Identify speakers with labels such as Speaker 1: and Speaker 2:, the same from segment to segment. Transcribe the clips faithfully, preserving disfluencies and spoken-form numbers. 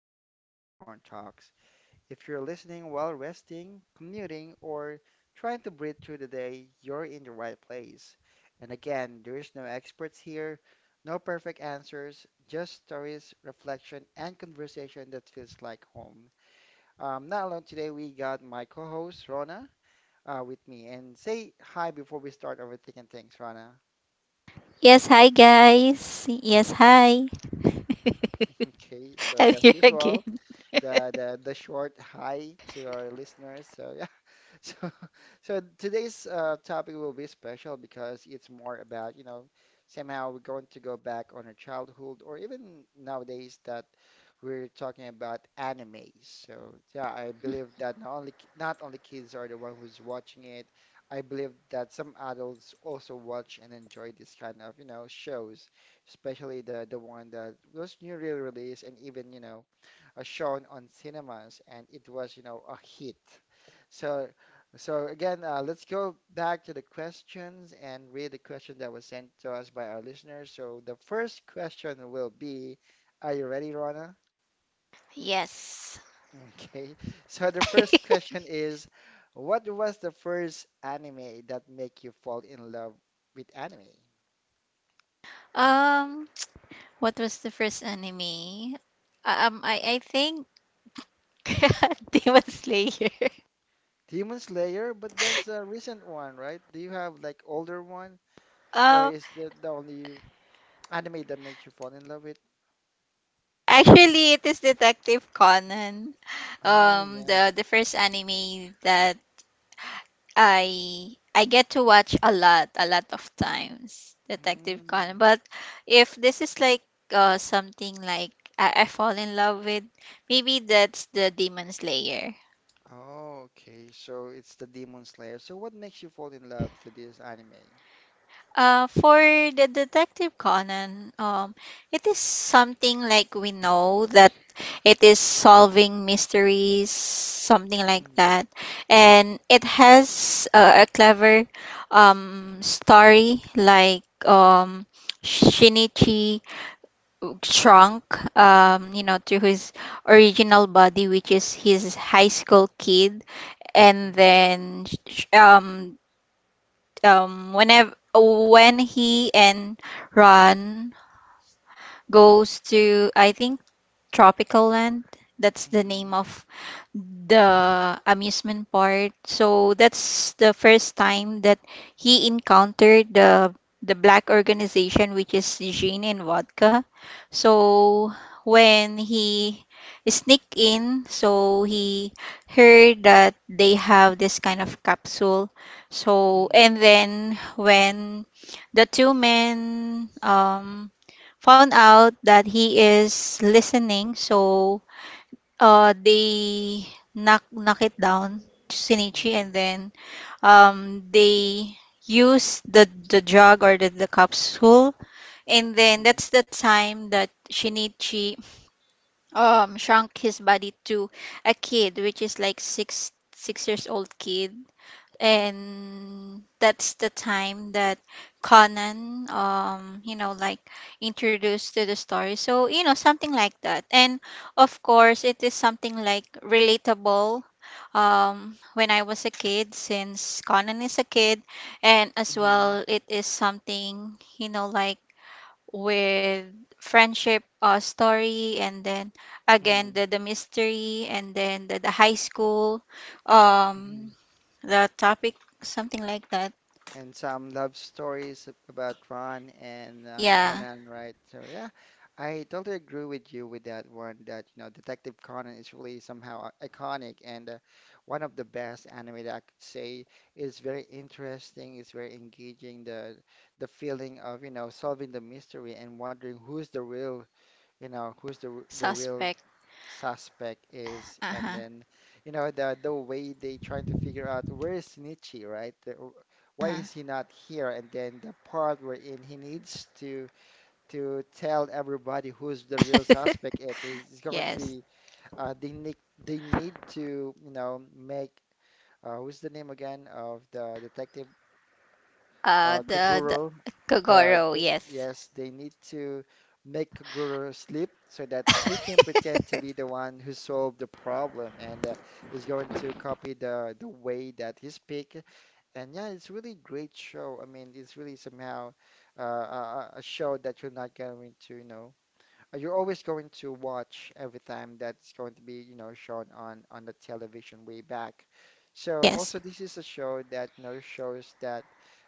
Speaker 1: back to the Popcorn Talks. If you're listening while resting, commuting, or trying to breathe through the day, you're in the right place. And again, there's no experts here, no perfect answers, just stories, reflection, and conversation that feels like home. Um, not alone today, we got my co-host Rona uh, with me. And say hi before we start overthinking things, Rona.
Speaker 2: Yes, hi guys. Yes, hi.
Speaker 1: Okay, so
Speaker 2: I'm here
Speaker 1: that's
Speaker 2: again.
Speaker 1: usual. the the the short hi to our listeners. So yeah, so so today's uh, topic will be special because it's more about, you know, somehow we're going to go back on our childhood or even nowadays that we're talking about anime. So yeah, I believe that not only ki- not only kids are the one who's watching it. I believe that some adults also watch and enjoy this kind of, you know, shows, especially the the one that was newly released and even, you know, uh, shown on cinemas, and it was, you know, a hit. So, so again, uh, let's go back to the questions and read the question that was sent to us by our listeners. So the first question will be, are you ready, Rona?
Speaker 2: Yes.
Speaker 1: Okay. So the first question is, what was the first anime that make you fall in love with anime?
Speaker 2: Um, what was the first anime? Uh, Um, I I think Demon Slayer.
Speaker 1: Demon Slayer, but that's a recent one, right? Do you have like older one, or
Speaker 2: Um,
Speaker 1: is that the only anime that makes you fall in love with?
Speaker 2: Actually, it is Detective Conan.
Speaker 1: Oh
Speaker 2: Um,
Speaker 1: yeah.
Speaker 2: the the first anime that I I get to watch a lot, a lot of times Detective Conan.
Speaker 1: Mm.
Speaker 2: But if this is like uh something like I, I fall in love with, maybe that's the Demon Slayer.
Speaker 1: Oh, okay. So it's the Demon Slayer. So what makes you fall in love to this anime?
Speaker 2: Uh, for the Detective Conan, um, it is something like we know that it is solving mysteries, something like
Speaker 1: Mm-hmm.
Speaker 2: that. And it has uh, a clever um, story, like um, Shinichi shrunk, um, you know, to his original body, which is his high school kid. And
Speaker 1: Mm.
Speaker 2: then sh- um, um whenever when he and Ron goes to, I think, Tropical Land. That's the name
Speaker 1: Mm.
Speaker 2: of the amusement part. So that's the first time that he encountered the the black organization, which is gin and vodka. So
Speaker 1: Mm.
Speaker 2: when he sneaked in, so he heard that they have this kind of capsule. So
Speaker 1: Mm.
Speaker 2: and then when the two men um found out that he is listening, so uh, they knock knock it down, Shinichi, and
Speaker 1: Mm.
Speaker 2: then um they use the the drug or the, the capsule, and then
Speaker 1: Mm.
Speaker 2: that's the time that Shinichi um shrunk his body to a kid, which is like six six years old kid,
Speaker 1: Oh.
Speaker 2: and that's the time that Conan, um you know like introduced to the story. So you know something like that, and of course it is something like relatable um when I was a kid, since Conan is a kid. And as
Speaker 1: Mm.
Speaker 2: well, it is something, you know like with friendship uh, story, and then again the the mystery, and then the, the high school,
Speaker 1: Mm.
Speaker 2: um the topic, something like that.
Speaker 1: And some love stories about Ron and uh,
Speaker 2: Yeah,
Speaker 1: Conan, right? So yeah, I totally agree with you with that one. That you know, Detective Conan is really somehow i- iconic and uh, one of the best anime that I could say is very interesting. It's very engaging. The the feeling of you know solving the mystery and wondering who's the real, you know, who's the r- the real
Speaker 2: suspect.
Speaker 1: suspect
Speaker 2: Uh
Speaker 1: is,
Speaker 2: huh.
Speaker 1: and then you know the the way they trying to figure out where is Shinichi, right? The, why
Speaker 2: Uh-huh.
Speaker 1: is he not here? And then the part wherein he needs to to tell everybody who's the real suspect. It is is going to
Speaker 2: Yes.
Speaker 1: be, uh, they need they need to you know make, uh, what's the name again of the detective,
Speaker 2: Uh,
Speaker 1: uh,
Speaker 2: the
Speaker 1: Kaguro.
Speaker 2: the
Speaker 1: The,
Speaker 2: Kogoro.
Speaker 1: the,
Speaker 2: Yes.
Speaker 1: yes, they need to make Kaguro sleep so that he can pretend to be the one who solved the problem and, uh, is going to copy the the way that he speak. And yeah, it's really great show. I mean, it's really somehow uh, a, a a show that you're not going to, you know, uh, you're always going to watch every time that's going to be, you know, shown on on the television way back. So
Speaker 2: Yes.
Speaker 1: also this is a show that, you know, shows that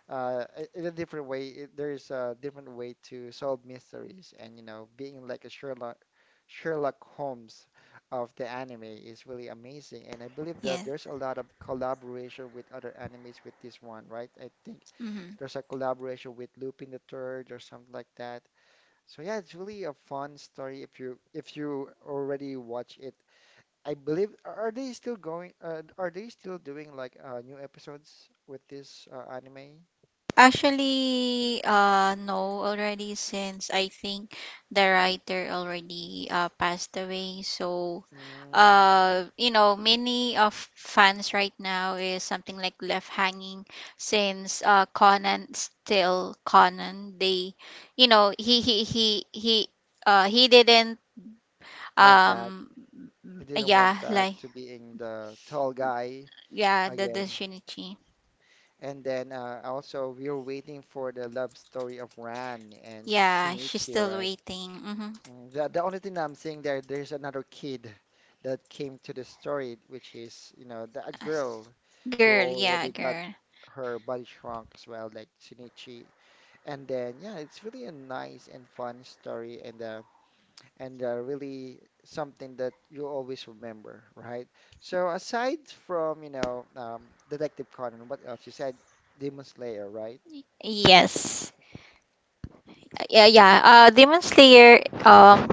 Speaker 1: uh, i- in a different way, it, there is a different way to solve mysteries and, you know, being like a Sherlock Sherlock Holmes of the anime is really amazing. And I believe that
Speaker 2: Yes.
Speaker 1: there's a lot of collaboration with other animes with this one, right? I think
Speaker 2: Mm-hmm.
Speaker 1: there's a collaboration with Lupin the Third or something like that. So yeah, it's really a fun story if you if you already watch it. I believe are they still going? Uh, are they still doing like uh, new episodes with this uh, anime?
Speaker 2: Actually, uh, no, already since I think the writer already uh, passed away. So,
Speaker 1: Mm,
Speaker 2: uh, you know, many of fans right now is something like left hanging since uh, Conan still Conan. They, you know, he he he he uh, he didn't,
Speaker 1: went back.
Speaker 2: um
Speaker 1: He didn't
Speaker 2: yeah,
Speaker 1: went back
Speaker 2: like,
Speaker 1: to being the tall guy
Speaker 2: yeah, the the
Speaker 1: again.
Speaker 2: Shinichi.
Speaker 1: And then uh, also we are waiting for the love story of Ran and
Speaker 2: Yeah, she's
Speaker 1: Shinichi,
Speaker 2: still
Speaker 1: right?
Speaker 2: waiting. Mm-hmm.
Speaker 1: Mm. The, the only thing I'm seeing there, there's another kid that came to the story, which is, you know, the, a
Speaker 2: Yes.
Speaker 1: girl who
Speaker 2: Girl, yeah,
Speaker 1: already got
Speaker 2: girl.
Speaker 1: her body shrunk as well, like Shinichi. And then, yeah, it's really a nice and fun story and, uh, and uh, really something that you always remember, right? So aside from, you know, um, Detective Conan, what else? You said Demon Slayer, right?
Speaker 2: Yes. Yeah, yeah. Uh, Demon Slayer, um,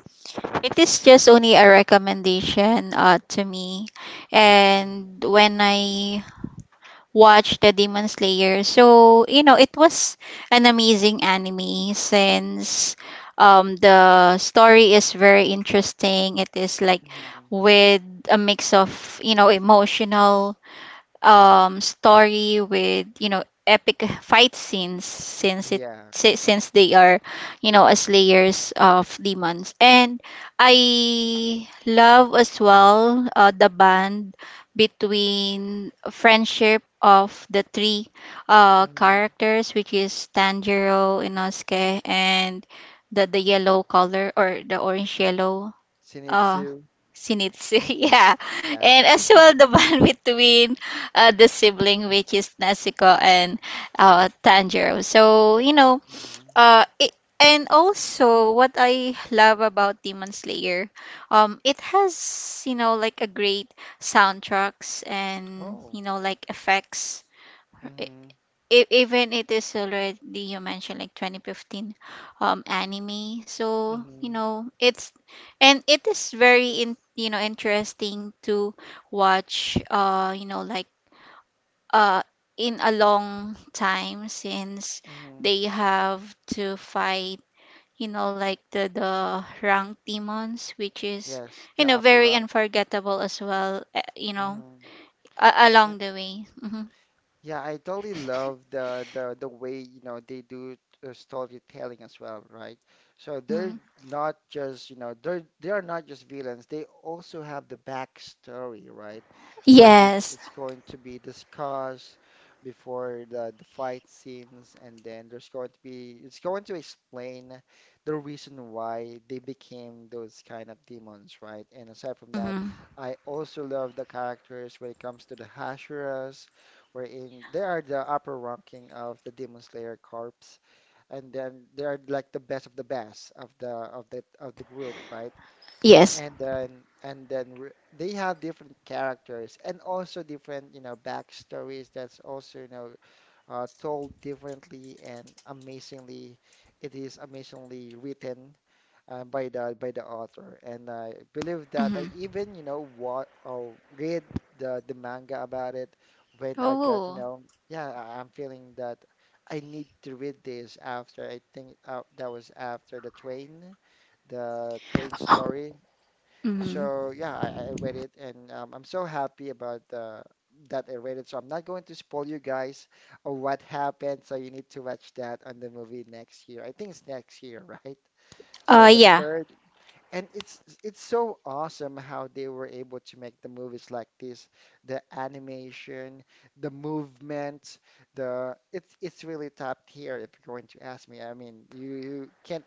Speaker 2: it is just only a recommendation uh, to me. And
Speaker 1: Hmm.
Speaker 2: when I watched the Demon Slayer, so, you know, it was an amazing anime, since um, the story is very interesting. It is like
Speaker 1: Hmm.
Speaker 2: with a mix of, you know, emotional, um, story with you know epic fight scenes, since it
Speaker 1: Yeah.
Speaker 2: si- since they are, you know as layers of demons, and I love as well uh, the band between friendship of the three uh,
Speaker 1: Hmm.
Speaker 2: characters, which is Tanjiro, Inosuke, and the the yellow color or the orange yellow. Oh,
Speaker 1: Zenitsu.
Speaker 2: sinits. Yeah.
Speaker 1: Yeah.
Speaker 2: And as well, the bond between uh, the sibling, which is Nezuko and uh, Tanjiro. So, you know,
Speaker 1: Mm-hmm.
Speaker 2: uh, it, and also what I love about Demon Slayer, um, it has, you know, like a great soundtracks and,
Speaker 1: Oh.
Speaker 2: you know, like effects
Speaker 1: Mm-hmm.
Speaker 2: e- even it is already, you mentioned, like twenty fifteen um anime, so you
Speaker 1: Mm-hmm.
Speaker 2: know it's, and it is very, in you know interesting to watch, uh you know like uh in a long time, since
Speaker 1: Mm-hmm.
Speaker 2: they have to fight, you know like the the rank demons, which is,
Speaker 1: Yes,
Speaker 2: you
Speaker 1: the
Speaker 2: know
Speaker 1: upper
Speaker 2: very
Speaker 1: rank.
Speaker 2: unforgettable as well, uh, you know
Speaker 1: Mm-hmm.
Speaker 2: a- along the way. Hmm.
Speaker 1: Yeah, I totally love the the the way you know they do uh, storytelling as well, right? So they're
Speaker 2: Hmm.
Speaker 1: not just you know they're they are not just villains. They also have the backstory, right? Where it
Speaker 2: Yes.
Speaker 1: is going to be discussed before the the fight scenes, and then there's going to be it's going to explain the reason why they became those kind of demons, right? And aside from that,
Speaker 2: Hmm.
Speaker 1: I also love the characters when it comes to the Hashuras wherein they are the upper ranking of the Demon Slayer Corps, and then they are like the best of the best of the of the of the group, right?
Speaker 2: Yes.
Speaker 1: And then and then re- they have different characters and also different you know backstories that's also you know uh, told differently and amazingly, it is amazingly written uh, by the by the author, and I believe
Speaker 2: Mm-hmm.
Speaker 1: that I even you know what or read the the manga about it when I got you
Speaker 2: Oh.
Speaker 1: know yeah I- I'm feeling that I need to read this after I think uh, that was after the train the train story.
Speaker 2: Mm-hmm.
Speaker 1: So yeah, I, I I read it and um, I'm so happy about the that I read it. So I'm not going to spoil you guys on what happened. So you need to watch that on the movie next year. I think it's next year, right?
Speaker 2: Uh,
Speaker 1: So the
Speaker 2: yeah.
Speaker 1: third and it's it's so awesome how they were able to make the movies like this, the animation, the movement, the it's it's really top tier if you're going to ask me. I mean, you you can't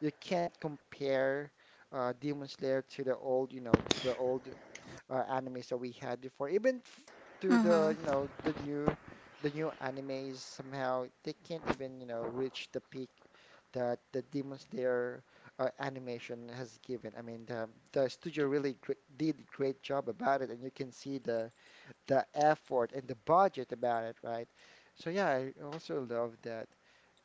Speaker 1: you can't compare uh, Demon Slayer to the old, you know, to the old uh, animes that we had before, even f- to the you
Speaker 2: Mm-hmm.
Speaker 1: know the new the new animes somehow they can't even you know reach the peak that the Demon Slayer uh, animation has given. I mean the the studio really gr did a great job about it, and you can see the the effort and the budget about it, right? So yeah, I also love that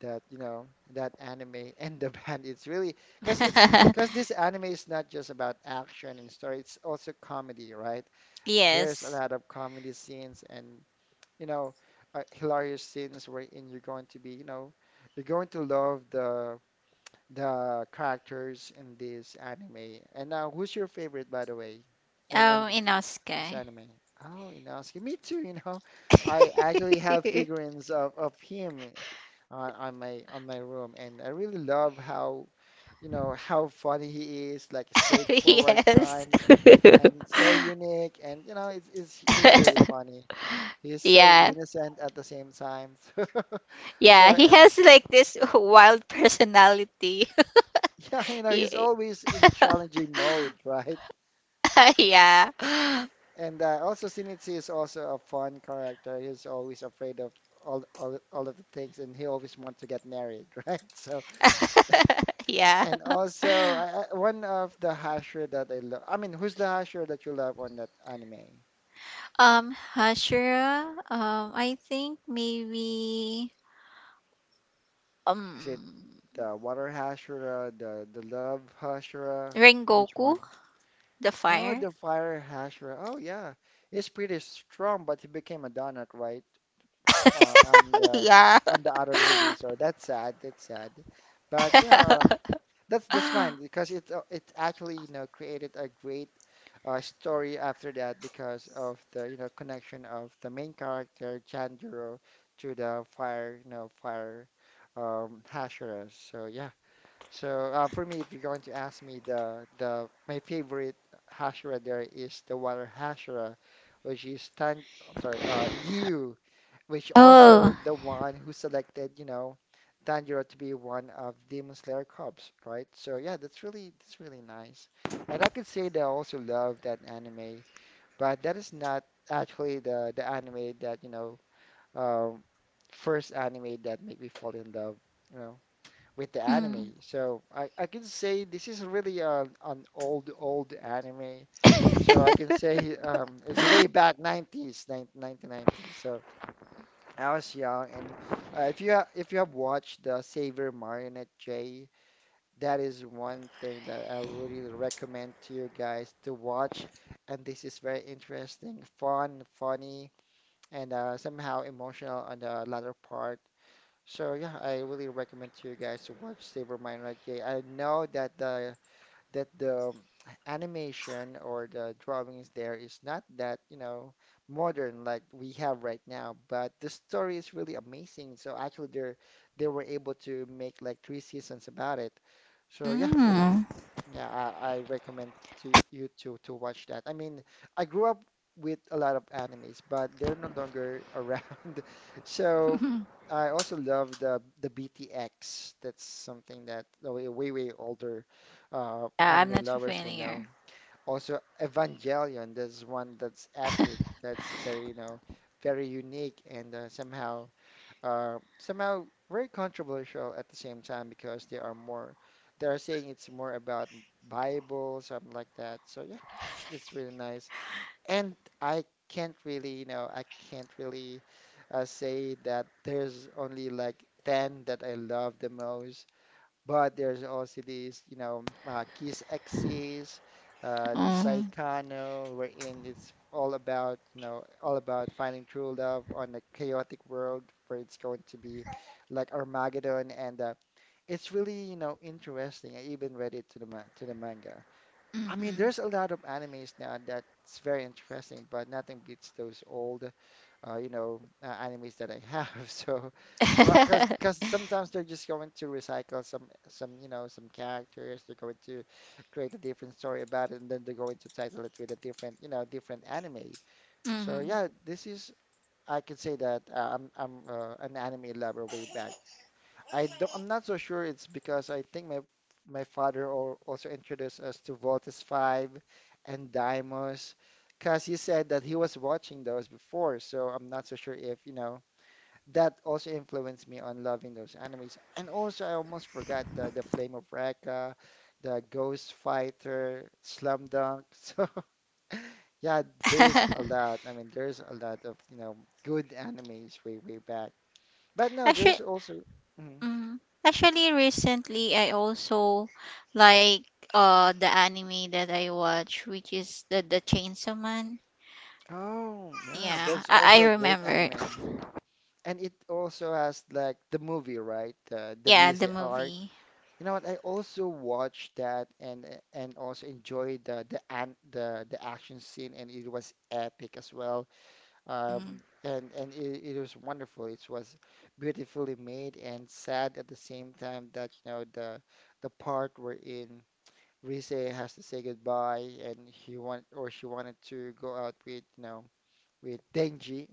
Speaker 1: that you know that anime and the band. It's really because it's because this anime is not just about action and story. It's also comedy, right? There's a
Speaker 2: Yes.
Speaker 1: lot of comedy scenes and you know uh, hilarious scenes wherein you're going to be you know you're going to love the the characters in this anime. And now, who's your favorite, by the way? And and
Speaker 2: Um,
Speaker 1: the it's
Speaker 2: Inosuke.
Speaker 1: anime. Oh, Inosuke. Me too, you know. I actually have figurines of, of him on, on my on my room and I really love how you know how funny he is, like straightforward
Speaker 2: Yes.
Speaker 1: kind and so unique and you know it's, it's he's really funny. He's so
Speaker 2: Yeah.
Speaker 1: innocent at the same time. So, so
Speaker 2: Yeah, he
Speaker 1: uh,
Speaker 2: has like this wild personality.
Speaker 1: yeah, you know, he's
Speaker 2: Ye-
Speaker 1: always in challenging mode, right?
Speaker 2: yeah.
Speaker 1: And uh, also Shinichi is also a fun character. He's always afraid of all, all all of the things, and he always wants to get married, right? So,
Speaker 2: Yeah.
Speaker 1: and also I, I, one of the Hashira that I love. I mean, who's the Hashira that you love on that anime?
Speaker 2: Um, Hashira. Um, I think maybe.
Speaker 1: Is it
Speaker 2: Um,
Speaker 1: the water Hashira, the the love Hashira? Which one?
Speaker 2: Rengoku, the
Speaker 1: Oh, the
Speaker 2: fire.
Speaker 1: fire Hashira. Oh yeah, he's pretty strong, but he became a donut, right? Uh, on the
Speaker 2: Yeah.
Speaker 1: on the other movie, so that's sad. That's sad. But you know, um, That's that's fine because it uh, it actually you know created a great uh, story after that because of the you know connection of the main character Tanjiro to the fire you know fire um, Hashira. So yeah. So uh, for me, if you're going to ask me, the the my favorite Hashira there is the water Hashira, which is Tan. I'm sorry, uh, Yu, which also
Speaker 2: Oh.
Speaker 1: the one who selected, you know, Tanjiro to be one of Demon Slayer Corps, right? So yeah, that's really that's really nice, and I could say that I also love that anime, but that is not actually the the anime that you know um, first anime that made me fall in love, you know with the
Speaker 2: Mm.
Speaker 1: anime. So I, I can say this is really an, an old, old anime. So I can say um, it's way back nineties, nineteen nineties. So I was young, and uh, if you ha if you have watched the Saver Marionette J, that is one thing that I really recommend to you guys to watch. And this is very interesting, fun, funny, and uh, somehow emotional on the latter part. So yeah, I really recommend to you guys to watch Saber Minor J. I know that the that the um, animation or the drawings there is not that, you know, modern like we have right now, but the story is really amazing. So actually they they were able to make like three seasons about it. So yeah.
Speaker 2: Mm.
Speaker 1: Yeah, I, I recommend to you to to watch that. I mean, I grew up with a lot of animes, but they're no longer around. So I also love the the B T X. That's something that the way way way older uh,
Speaker 2: Yeah, I'm
Speaker 1: anime
Speaker 2: not
Speaker 1: lovers will know.
Speaker 2: familiar.
Speaker 1: Also Evangelion. There's one that's epic. That's very, you know, very unique and, uh, somehow are somehow very controversial at the same time because they are more they are saying it's more about Bible, something like that. So yeah, it's it's really nice. And I can't really, you know, I can't really uh, say that there's only like ten that I love the most. But there's also these, you know, uh, Kiss Exes, uh, the
Speaker 2: Mm.
Speaker 1: Saikano, wherein it's all about, you know, all about finding true love on a chaotic world where it's going to be like Armageddon, and uh, it's really, you know, interesting. I even read it to the ma to the manga. I mean,
Speaker 2: Hmm.
Speaker 1: there's a lot of animes now that's very interesting, but nothing beats those old, uh, you know, uh, animes that I have. So, because
Speaker 2: Hmm.
Speaker 1: because sometimes they're just going to recycle some some, you know, some characters. They're going to create a different story about it, and then they're going to title it with a different, you know, different anime. So yeah, this is, I could say that, uh, I'm I'm uh, an anime lover way back. I don't, I'm not so sure. It's because I think my my father al- also introduced us to Voltes five and Deimos, because he said that he was watching those before. So I'm not so sure if, you know, that also influenced me on loving those animes. And also, I almost forgot the, the Flame of Recca, the Ghost Fighter, Slam Dunk. So yeah, there's a lot. I mean, there's a lot of, you know, good animes way, way back. But no,
Speaker 2: Actually,
Speaker 1: there's also. Mhm.
Speaker 2: mm, actually, recently I also like uh the anime that I watch, which is the the Chainsaw Man.
Speaker 1: Oh, yeah,
Speaker 2: Yeah,
Speaker 1: that's
Speaker 2: I, I
Speaker 1: also a great
Speaker 2: remember.
Speaker 1: anime. And it also has like the movie, right? Uh, the
Speaker 2: Yeah,
Speaker 1: Rize
Speaker 2: the
Speaker 1: art.
Speaker 2: movie.
Speaker 1: You know what? I also watched that and, uh, and also enjoyed the the an the the action scene, and it was epic as well.
Speaker 2: Mm.
Speaker 1: Um, and and it, it was wonderful. It was beautifully made and sad at the same time. That, you know, the the part wherein Rize has to say goodbye, and he want or she wanted to go out with, you know, with Denji,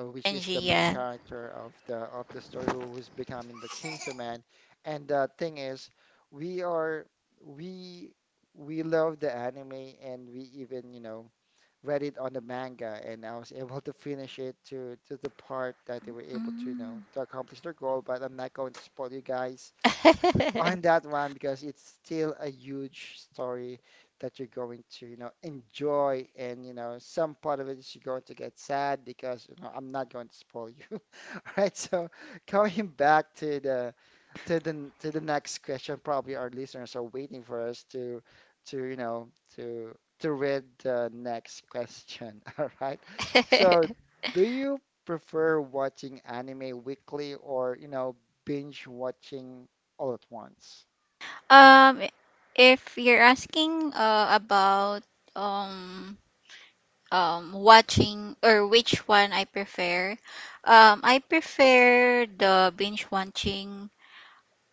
Speaker 1: uh, which
Speaker 2: And
Speaker 1: is the main
Speaker 2: Gia.
Speaker 1: character of the of the story, who is becoming the Chainsaw Man. And the thing is, we are we we love the anime, and we even, you know, read it on the manga, and I was able to finish it to to the part that they were able to, you
Speaker 2: Mm.
Speaker 1: know, to accomplish their goal. But I'm not going to spoil you guys on that one because it's still a huge story that you're going to, you know, enjoy and, you know, some part of it is you're going to get sad because, you know, I'm not going to spoil you. All right, so coming back to the to the to the next question. Probably our listeners are waiting for us to, to you know, to to read the next question. All right. So, do you prefer watching anime weekly or, you know, binge watching all at once?
Speaker 2: um, if you're asking uh, about um um watching, or which one I prefer, um I prefer the binge watching.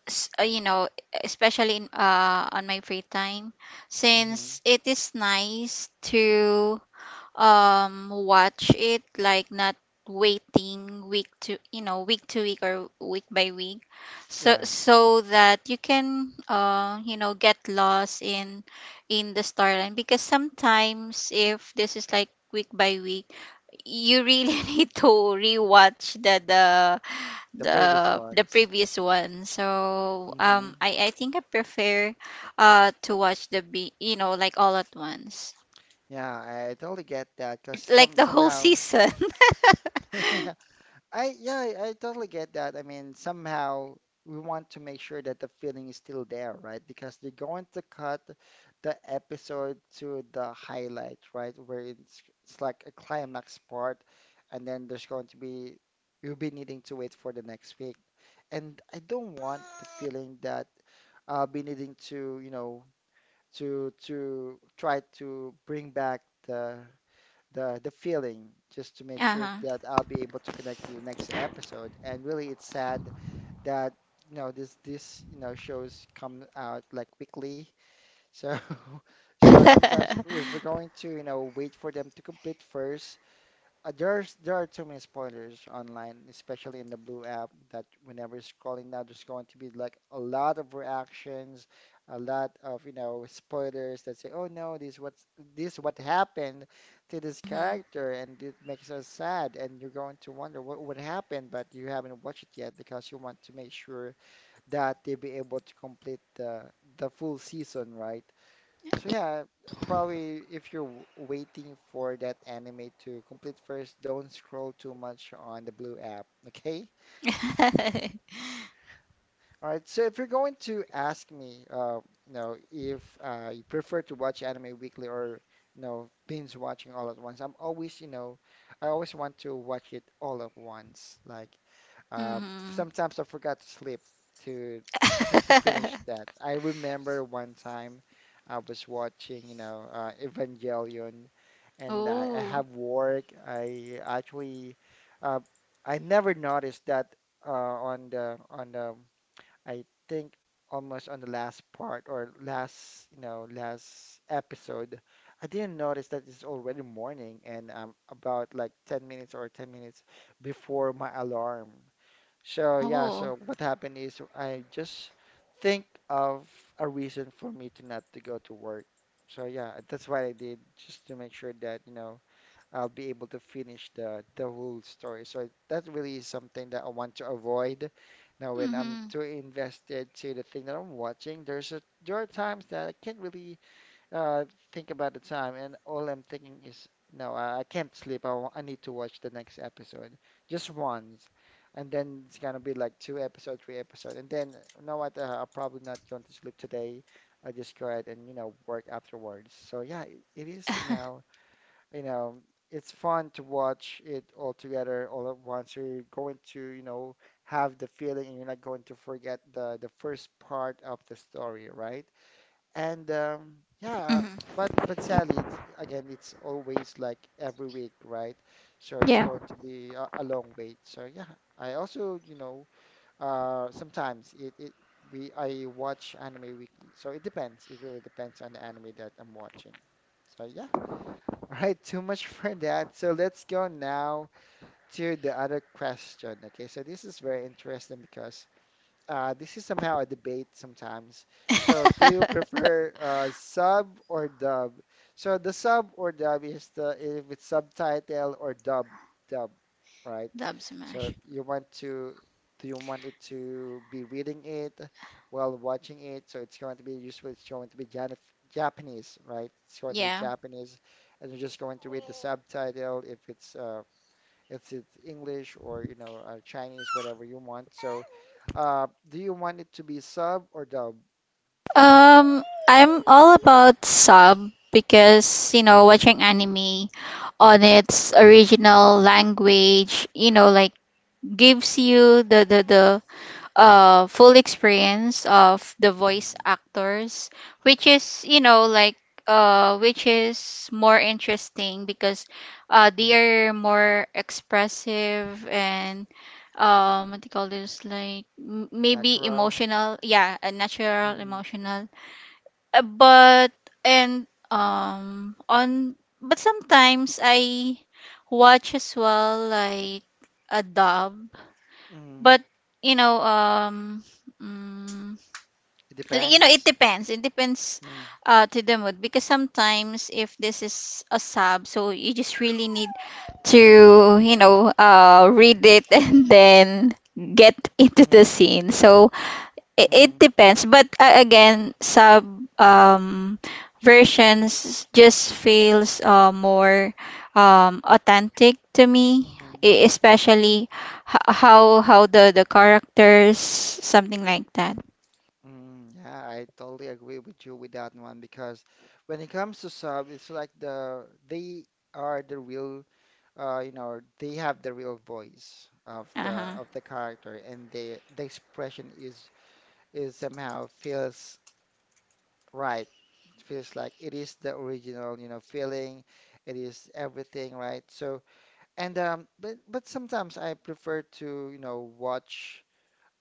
Speaker 2: s- uh, You know, especially in uh on my free time,
Speaker 1: Hmm.
Speaker 2: since it is nice to um watch it, like not waiting week to you know week to week, or week by week, so
Speaker 1: Yes,
Speaker 2: so that you can, uh you know get lost in in the storyline, because sometimes if this is like week by week, you really need to rewatch the the
Speaker 1: the previous
Speaker 2: the the
Speaker 1: ones.
Speaker 2: previous one. So
Speaker 1: Hmm.
Speaker 2: um i i think i prefer uh to watch the be you know like all at once,
Speaker 1: Yeah, I totally get that because
Speaker 2: like
Speaker 1: some
Speaker 2: the whole
Speaker 1: somehow,
Speaker 2: season.
Speaker 1: yeah, I yeah, I I totally get that. I mean, somehow we want to make sure that the feeling is still there, right? Because they're going to cut the episode to the highlight, right? Where it's it's like a climax part, and then there's going to be, you'll be needing to wait for the next week. And I don't want the feeling that I'll be needing to, you know, to to try to bring back the the the feeling, just to make sure
Speaker 2: Uh-huh.
Speaker 1: that I'll be able to connect to the next episode. And really, it's sad that, you know, this this, you know, shows come out like weekly. So so sometimes if we're going to, you know, wait for them to complete first, uh, there's there are too many spoilers online, especially in the Blue app, that whenever you're scrolling now, there's going to be like a lot of reactions, a lot of, you know, spoilers that say, "Oh no, this what's this what happened to this
Speaker 2: Mhm.
Speaker 1: character," and it makes us sad, and you're going to wonder what would happen, but you haven't watched it yet because you want to make sure that they be able to complete the the full season, right? So yeah, probably if you're w- waiting for that anime to complete first, don't scroll too much on the Blue app, okay? All right. So if you're going to ask me, uh, you know, if, uh, you prefer to watch anime weekly or, you know, binge watching all at once, I'm always, you know, I always want to watch it all at once. Like, uh,
Speaker 2: Mhm.
Speaker 1: sometimes I forgot to sleep to just to finish that. I remember one time I was watching, you know, uh, Evangelion, and I, I
Speaker 2: Oh.
Speaker 1: have work. I actually, uh, I never noticed that, uh, on the on the I think almost on the last part or last, you know, last episode. I didn't notice that it's already morning and I'm about like ten minutes or ten minutes before my alarm. So yeah,
Speaker 2: Oh.
Speaker 1: so what happened is I just think of a reason for me to not to go to work. So yeah, that's what I did just to make sure that, you know, I'll be able to finish the the whole story. So that really is something that I want to avoid. Now, when I'm
Speaker 2: Mhm.
Speaker 1: too invested to the thing that I'm watching, there's a there are times that I can't really, uh, think about the time, and all I'm thinking is, no, I, I can't sleep. I, wa- I need to watch the next episode, just once, and then it's gonna be like two episode, three episode, and then you know what? Uh, I'm probably not going to sleep today. I just go ahead and, you know, work afterwards. So yeah, it, it is somehow, you know, it's fun to watch it all together all at once. You're going to, you know, have the feeling, and you're not going to forget the the first part of the story, right? And um, yeah,
Speaker 2: Mhm.
Speaker 1: but but Sally, it's again, it's always like every week, right? So it's
Speaker 2: Yeah.
Speaker 1: going to be a, a long wait. So yeah, I also, you know, uh, sometimes it, it we I watch anime weekly. So it depends. It really depends on the anime that I'm watching. So yeah. All right, too much for that. So let's go now to the other question. Okay, so this is very interesting because, uh, this is somehow a debate sometimes. So, do you prefer, uh, sub or dub? So, the sub or dub is the, if it's subtitle or dub, dub, right?
Speaker 2: Dub
Speaker 1: So,
Speaker 2: smash.
Speaker 1: you want to, do you want it to be reading it while watching it? So, it's going to be useful. It's going to be Jan Japanese, right? It's going to be
Speaker 2: Yeah.
Speaker 1: Japanese, and you're just going to read the subtitle if it's, uh, it's it's English or, you know, uh, Chinese, whatever you want. So, uh, do you want it to be sub or dub?
Speaker 2: Um, I'm all about sub because, you know, watching anime on its original language, you know, like gives you the the the uh full experience of the voice
Speaker 1: Hmm.
Speaker 2: actors, which is, you know like uh which is more interesting because uh they are
Speaker 1: Hmm.
Speaker 2: more expressive, and um what do you call this, like m- maybe
Speaker 1: Natural.
Speaker 2: emotional, yeah, a natural
Speaker 1: Hmm.
Speaker 2: emotional, uh, but and um on but sometimes i watch as well, like a dub,
Speaker 1: Hmm.
Speaker 2: but you know um mm,
Speaker 1: It
Speaker 2: you know it
Speaker 1: depends.
Speaker 2: depends. It depends
Speaker 1: Mm-hmm.
Speaker 2: uh to the mood, because sometimes if this is a sub, so you just really need to, you know uh read it, and then get into the
Speaker 1: Hmm.
Speaker 2: scene. So it, it
Speaker 1: Hmm.
Speaker 2: depends, but uh, again, some um versions just feels uh, more um authentic to me,
Speaker 1: Hmm.
Speaker 2: e- especially h- how how the the characters, something like that.
Speaker 1: Yeah, I totally agree with you with that one because when it comes to sub, it's like the they are the real, uh, you know, they have the real voice of the
Speaker 2: Uh-huh.
Speaker 1: of the character, and the the expression is is somehow feels. Right. It feels like it is the original, you know, feeling. It is everything, right? So, and um, but but sometimes I prefer to, you know, watch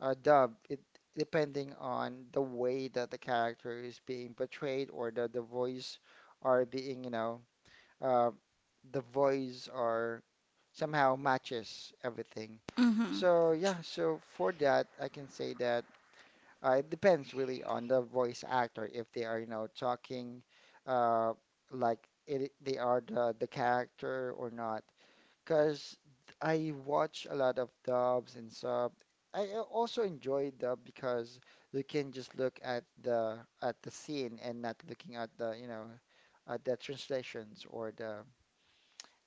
Speaker 1: a dub. It depending on the way that the character is being portrayed or the the voice are being, you know, uh, the voice are somehow matches everything.
Speaker 2: Mm-hmm.
Speaker 1: So yeah, so for that, I can say that. Uh, it depends really on the voice actor if they are, you know, talking, uh, like it, they are the, the character or not. Because I watch a lot of dubs and sub. I uh, also enjoy dub because you can just look at the at the scene and not looking at the, you know, at the translations or the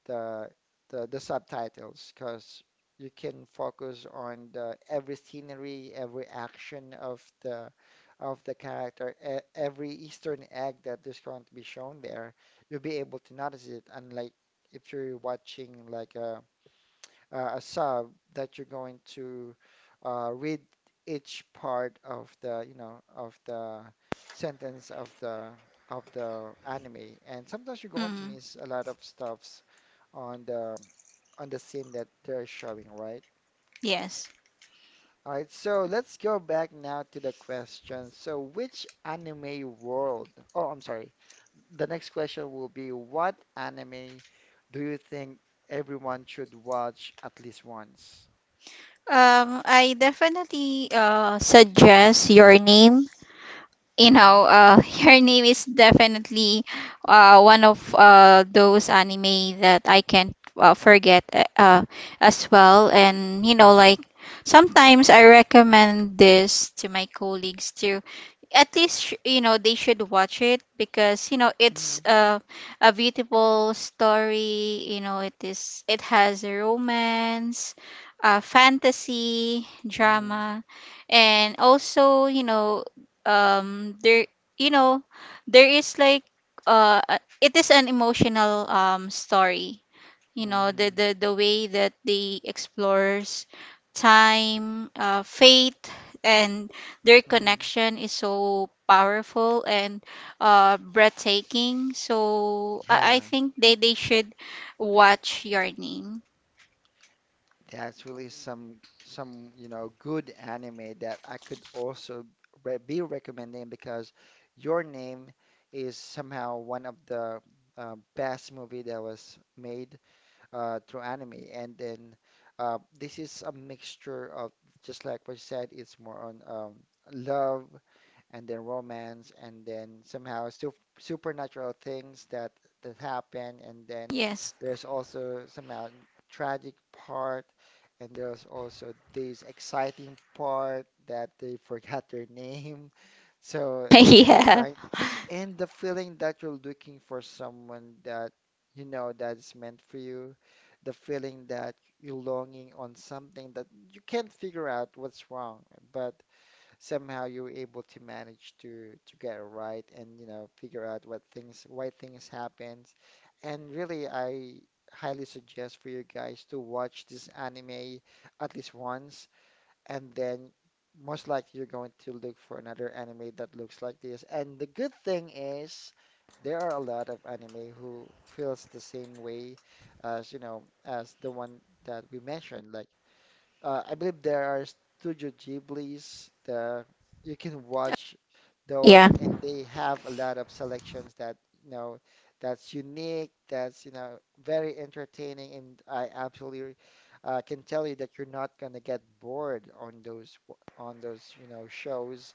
Speaker 1: the the, the subtitles because you can focus on the every scenery, every action of the of the character, e- every Eastern egg that is going to be shown there. You'll be able to notice it, unlike if you're watching like a uh, a sub that you're going to uh, read each part of the, you know, of the sentence of the of the anime, and sometimes you're going to
Speaker 2: Mm-hmm.
Speaker 1: miss a lot of stuffs on the on the scene that they're showing, right?
Speaker 2: Yes.
Speaker 1: All right, so let's go back now to the question. So, which anime world? Oh, I'm sorry. The next question will be, what anime do you think everyone should watch at least once?
Speaker 2: um i definitely uh suggest Your Name. You know, uh, her name is definitely uh, one of uh, those anime that I can't uh, forget, uh, uh, as well. And, you know,
Speaker 1: Mhm,
Speaker 2: like sometimes I recommend this to my colleagues, to at least, sh- you know, they should watch it because, you know, it's
Speaker 1: mhm,
Speaker 2: uh, a beautiful story. You know, it is, it has a romance, uh, fantasy,
Speaker 1: mhm,
Speaker 2: drama, and also, you know, um there you know there is like uh a- it is an emotional um story, you know the
Speaker 1: mhm,
Speaker 2: the, the way that they explores time, uh, fate, and their
Speaker 1: mhm.
Speaker 2: connection is so powerful and uh breathtaking. So i, I
Speaker 1: Yeah,
Speaker 2: think they they should watch Your Name.
Speaker 1: that's really some some you know good anime that I could also re be recommending because Your Name is somehow one of the uh, best movie that was made uh, through anime, and then uh, this is a mixture of just like what you said, it's more on um, love, and then romance, and then somehow su supernatural things that that happen, and then
Speaker 2: Yes.
Speaker 1: there's also somehow tragic part, and there's also this exciting part that they forgot their name, so they
Speaker 2: Yeah.
Speaker 1: try, and the feeling that you're looking for someone that you know that's meant for you, the feeling that you're longing on something that you can't figure out what's wrong, but somehow you're able to manage to to get it right, and you know figure out what things, why things happens. And really, I highly suggest for you guys to watch this anime at least once, and then most likely you're going to look for another anime that looks like this. And the good thing is, there are a lot of anime who feels the same way, as you know, as the one that we mentioned, like uh, I believe there are Studio Ghiblis that you can watch
Speaker 2: Yeah.
Speaker 1: those, and they have a lot of selections that you know that's unique, that's you know very entertaining, and I absolutely uh, can tell you that you're not gonna get bored on those w- on those you know shows,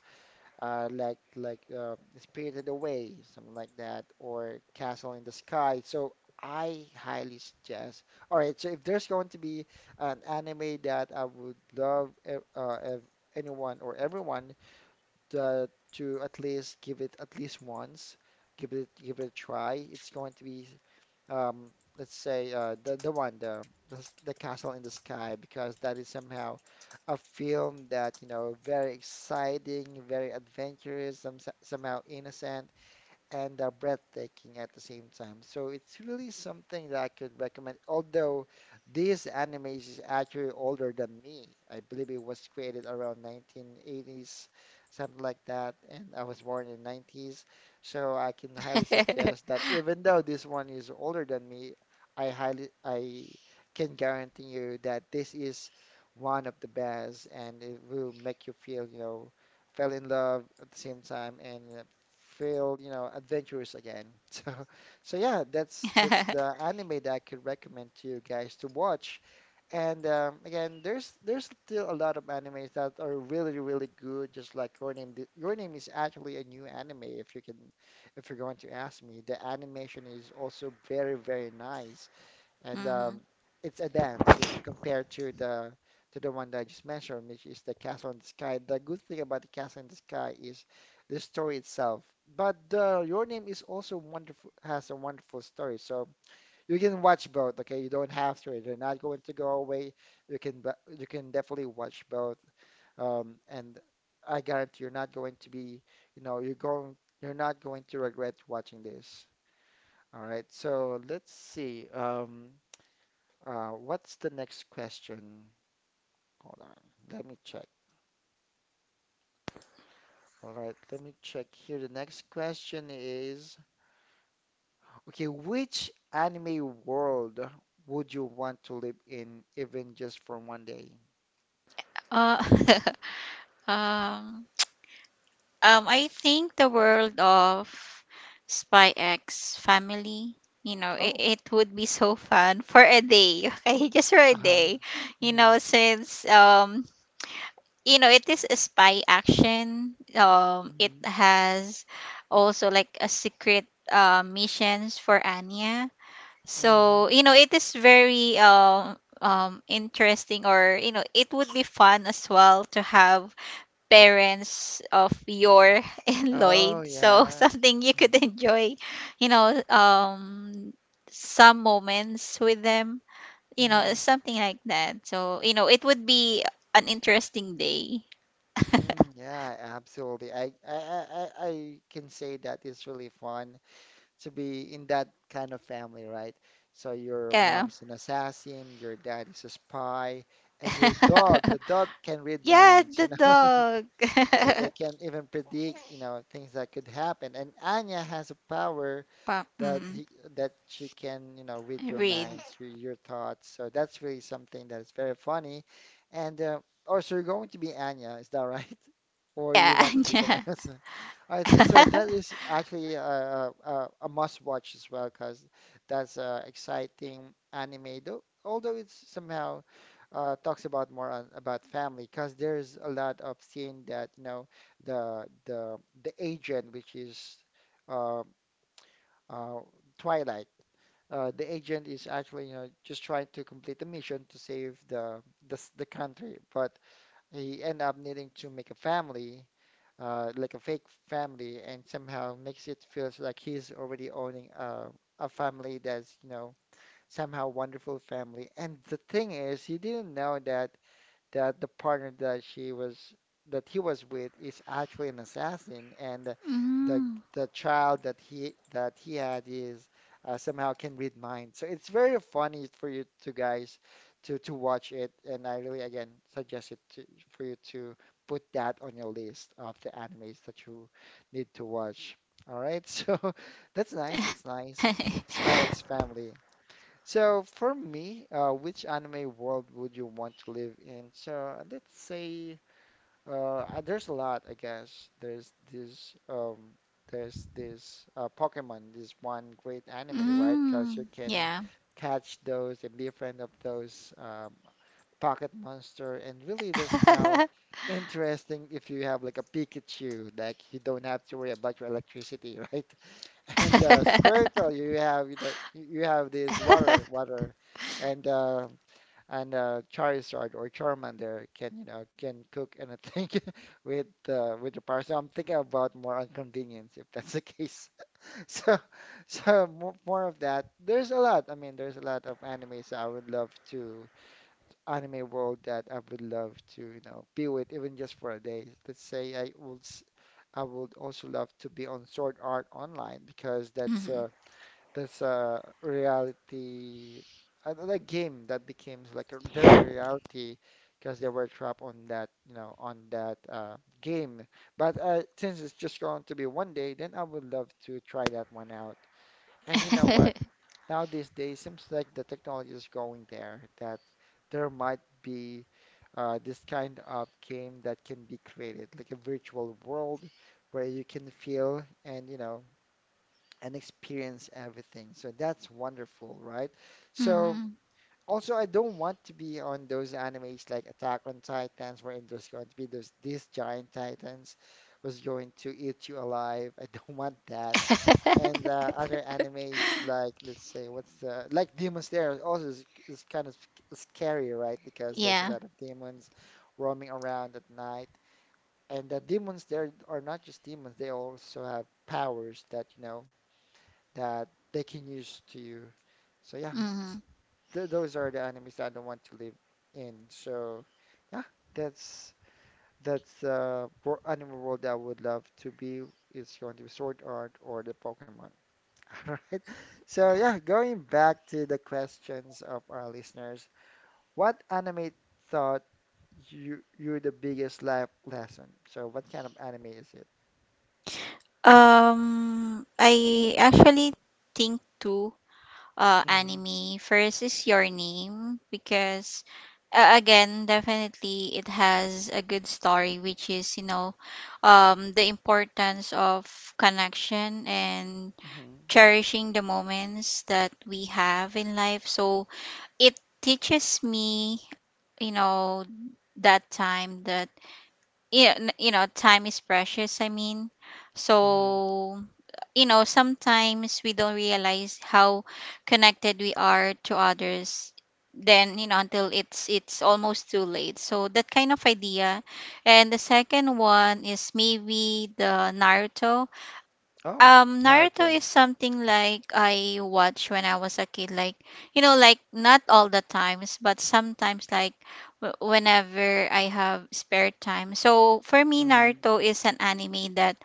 Speaker 1: uh, like like uh, Spirited Away, something like that, or Castle in the Sky. So I highly suggest. All right, so if there's going to be an anime that I would love e- uh, ev anyone or everyone to, to at least give it at least once, give it give it a try, it's going to be um, let's say uh, the the one the, the the Castle in the Sky, because that is somehow a film that you know very exciting, very adventurous, some, somehow innocent, and uh, breathtaking at the same time. So it's really something that I could recommend. Although this anime is actually older than me, I believe it was created around nineteen eighties, something like that, and I was born in nineties. So I can highly suggest that even though this one is older than me, I highly I can guarantee you that this is one of the best, and it will make you feel, you know, fell in love at the same time, and uh, feel, you know, adventurous again. So, so yeah, that's that's the anime that I could recommend to you guys to watch. And um, again, there's there's still a lot of animes that are really really good. Just like your name, Th- your name is actually a new anime. If you can, if you're going to ask me, the animation is also very very nice, and
Speaker 2: Hmm.
Speaker 1: um, it's a dance uh, compared to the to the one that I just mentioned, which is the Castle in the Sky. The good thing about the Castle in the Sky is the story itself, but uh, Your Name is also wonderful, has a wonderful story. So you can watch both. Okay, you don't have to. They're not going to go away. You can bu- you can definitely watch both, um, and I guarantee you're not going to be, you know, you're going you're not going to regret watching this. All right, so let's see. Um, uh, what's the next question? Hold on, let me check. All right, let me check here. The next question is, okay, which anime world would you want to live in, even just for one day?
Speaker 2: uh um Um, I think the world of Spy X Family. You know, it,
Speaker 1: Oh,
Speaker 2: it would be so fun for a day. Okay, just for a
Speaker 1: uh-huh.
Speaker 2: day. You
Speaker 1: Mm-hmm,
Speaker 2: know, since um, you know, it is a spy action. Um, it
Speaker 1: hmm,
Speaker 2: has also like a secret uh, missions for Anya.
Speaker 1: mm-hmm.
Speaker 2: So you know, it is very um um interesting, or you know, it would be fun as well to have parents of your and
Speaker 1: Oh,
Speaker 2: Lloyd. So
Speaker 1: yeah.
Speaker 2: something you
Speaker 1: Mm.
Speaker 2: could enjoy, you know, um some moments with them, you know,
Speaker 1: Mm-hmm,
Speaker 2: something like that. So, you know, it would be an interesting day.
Speaker 1: mm, yeah, absolutely. I, I, I, I I can say that it's really fun to be in that kind of family, right? So your
Speaker 2: Yeah.
Speaker 1: mom is an assassin, your dad is a spy, and your dog, the dog can read
Speaker 2: Yeah,
Speaker 1: minds,
Speaker 2: the
Speaker 1: you know?
Speaker 2: dog.
Speaker 1: So they can even predict, you know, things that could happen. And Anya has a power
Speaker 2: Pa-
Speaker 1: that
Speaker 2: mm,
Speaker 1: he, that she can, you know, read your
Speaker 2: read.
Speaker 1: minds, read your thoughts. So that's really something that is very funny. And uh, oh, so you're going to be Anya, is that right? Or you
Speaker 2: Yeah,
Speaker 1: want to be
Speaker 2: yeah.
Speaker 1: someone else? Uh, so that is actually a, a, a a must watch as well, because that's uh, exciting anime, though, although it's somehow uh, talks about more on, about family, because there's a lot of scene that, you know, the the the agent, which is uh, uh, Twilight. Uh, the agent is actually, you know, just trying to complete the mission to save the the, s- the country, but he end up needing to make a family, uh, like a fake family, and somehow makes it feels like he's already owning a a family that's, you know, somehow wonderful family. And the thing is, he didn't know that that the partner that she was that he was with is actually an assassin, and the
Speaker 2: Mm.
Speaker 1: the child that he that he had is uh, somehow can read minds. So it's very funny for you two guys to to watch it. And I really again suggest it to, for you to put that on your list of the animes that you need to watch. All right. So that's nice. That's nice. Spy X Family. So for me, uh, which anime world would you want to live in? So let's say uh, uh, there's a lot, I guess. There's this um, there's this uh, Pokemon, this one great anime, right? Because
Speaker 2: Mm,
Speaker 1: you can
Speaker 2: yeah.
Speaker 1: catch those and be a friend of those um, pocket monster, and really the smell interesting if you have like a Pikachu, like you don't have to worry about your electricity, right? And uh, Squirtle, you have you know you you have this water water, and uh, and uh, Charizard or Charmander can you know can cook anything with uh, with the power. So I'm thinking about more on convenience if that's the case. So so mo- more of that. There's a lot. I mean, there's a lot of anime. So I would love to anime world that I would love to you know be with even just for a day. Let's say I would. s- I would also love to be on Sword Art Online, because that's
Speaker 2: Mhm.
Speaker 1: uh, there's a reality, a a game that became like a- their reality, because they were trapped on that, you know, on that uh, game. But uh, since it's just going to be one day, then I would love to try that one out. And you know what? Now these days, seems like the technology is going there that there might be uh, this kind of game that can be created, like a virtual world where you can feel and you know and experience everything. So that's wonderful, right? So
Speaker 2: Mhm.
Speaker 1: also, I don't want to be on those animes like Attack on Titans, wherein there's going to be those these giant titans who's going to eat you alive. I don't want that. And uh, other animes like let's say what's the like Demon Slayer also is, is kind of sc- scary, right? Because there's a
Speaker 2: Yeah.
Speaker 1: lot of demons roaming around at night. And the demons there are not just demons; they also have powers that you know that they can use to you. So yeah, it's,
Speaker 2: Mhm.
Speaker 1: th those are the enemies that I don't want to live in. So yeah, that's that's uh animal world that I would love to be. It's going to be Sword Art or the Pokemon. All right. So yeah, going back to the questions of our listeners, what anime thought you you the biggest life lesson? So what kind of anime is it?
Speaker 2: Um, I actually think two uh
Speaker 1: Mm-hmm.
Speaker 2: anime. First is Your Name because uh, again, definitely it has a good story, which is, you know, um, the importance of connection and
Speaker 1: Mm-hmm.
Speaker 2: cherishing the moments that we have in life. So it teaches me, you know, that time that, yeah, n- you know time is precious, I mean. So you know sometimes we don't realize how connected we are to others, then you know until it's it's almost too late, so that kind of idea. And the second one is maybe the Naruto.
Speaker 1: Oh,
Speaker 2: um, Naruto
Speaker 1: Naruto.
Speaker 2: is something like I watch when I was a kid, like, you know, like not all the times, but sometimes, like w- whenever I have spare time. So for me, Naruto is an anime that,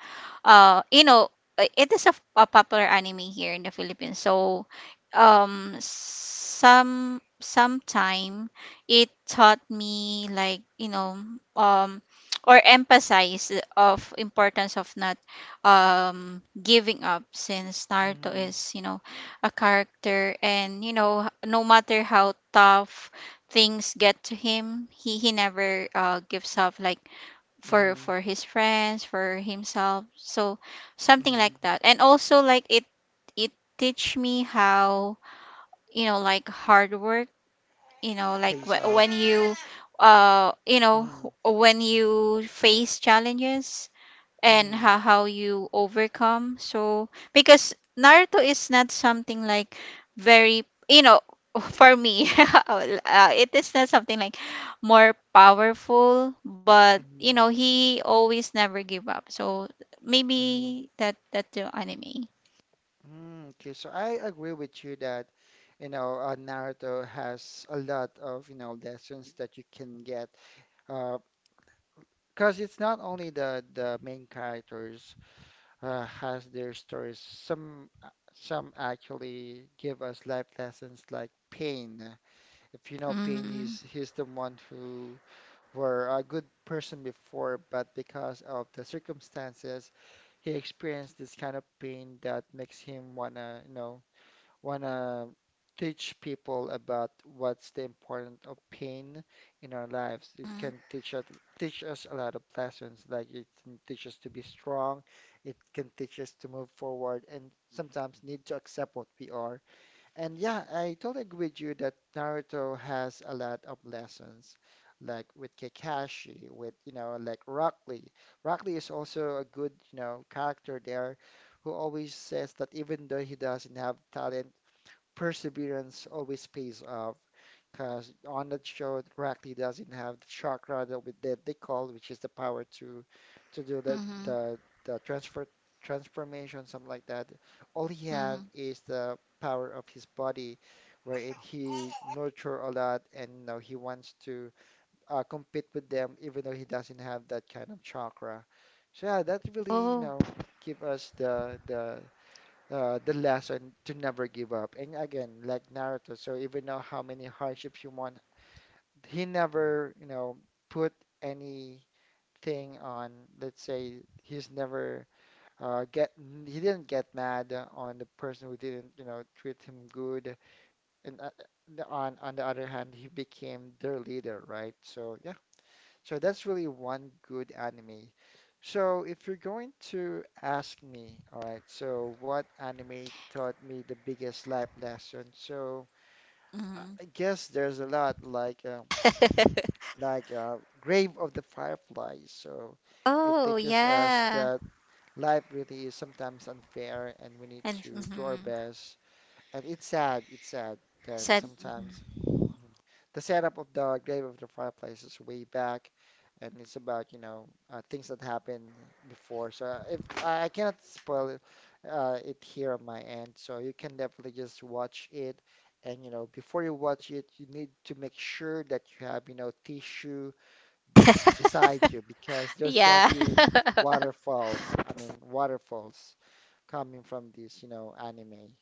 Speaker 2: uh you know uh, it is a, f- a popular anime here in the Philippines, so um some sometime it taught me, like, you know um or emphasize of importance of not um giving up, since Naruto
Speaker 1: Mm-hmm.
Speaker 2: is, you know a character, and you know no matter how tough things get to him, he he never uh gives up, like, for
Speaker 1: Mm-hmm.
Speaker 2: for his friends, for himself, so something
Speaker 1: Mm-hmm.
Speaker 2: like that. And also, like it it teach me how, you know like hard work, you know like
Speaker 1: Pays
Speaker 2: wh- when
Speaker 1: off.
Speaker 2: you, uh you know
Speaker 1: Mm-hmm.
Speaker 2: when you face challenges, and
Speaker 1: Mm-hmm.
Speaker 2: how, how you overcome. So because Naruto is not something like very, you know for me, uh, it is not something like more powerful, but you
Speaker 1: Mm-hmm.
Speaker 2: know he always never give up, so
Speaker 1: Mm-hmm.
Speaker 2: maybe that that the anime.
Speaker 1: Mm, okay, so I agree with you that, you know, uh, Naruto has a lot of, you know, lessons that you can get. Uh, because it's not only the the main characters uh, has their stories. Some uh, some actually give us life lessons like Pain. If you know Pain, he's
Speaker 2: Mm-hmm.
Speaker 1: he's the one who were a good person before, but because of the circumstances, he experienced this kind of pain that makes him wanna, you know, wanna teach people about what's the importance of pain in our lives. It can teach us teach us a lot of lessons, like it can teach us to be strong, it can teach us to move forward, and sometimes need to accept what we are and yeah, I totally agree with you that Naruto has a lot of lessons, like with Kakashi, with, you know, like Rock Lee. Rock Lee is also a good, you know, character there who always says that even though he doesn't have talent, perseverance always pays off because on that show, Rackley doesn't have the chakra that we that they call, which is the power to to do the
Speaker 2: Mm-hmm.
Speaker 1: the the transfer transformation, something like that. All he have
Speaker 2: Mm-hmm.
Speaker 1: is the power of his body, wherein he nurture a lot, and you know, he wants to uh, compete with them, even though he doesn't have that kind of chakra. So yeah, that really, you
Speaker 2: Oh.
Speaker 1: know, give us the the uh, the lesson to never give up. And again, like Naruto, so even though how many hardships you want, he never, you know, put anything on, let's say he's never uh, get he didn't get mad on the person who didn't, you know, treat him good. And uh, on on the other hand, he became their leader, right? So yeah. So that's really one good anime. So if you're going to ask me, all right, so what anime taught me the biggest life lesson? So I I
Speaker 2: Mm-hmm.
Speaker 1: guess there's a lot like uh, like uh, Grave of the Fireflies. So it
Speaker 2: Oh
Speaker 1: teaches us
Speaker 2: yeah.
Speaker 1: that life really is sometimes unfair and we need
Speaker 2: And
Speaker 1: to do our
Speaker 2: mm-hmm.
Speaker 1: best. And it's sad, it's sad that
Speaker 2: Said.
Speaker 1: sometimes Mhm. The setup of the grave of the fireflies is way back, and it's about, you know, uh, things that happened before. So uh, if I I cannot spoil it, uh, it here on my end, so you can definitely just watch it. And you know, before you watch it, you need to make sure that you have, you know, tissue beside you because there's going to
Speaker 2: Yeah.
Speaker 1: be waterfalls. I mean, waterfalls coming from this, you know, anime.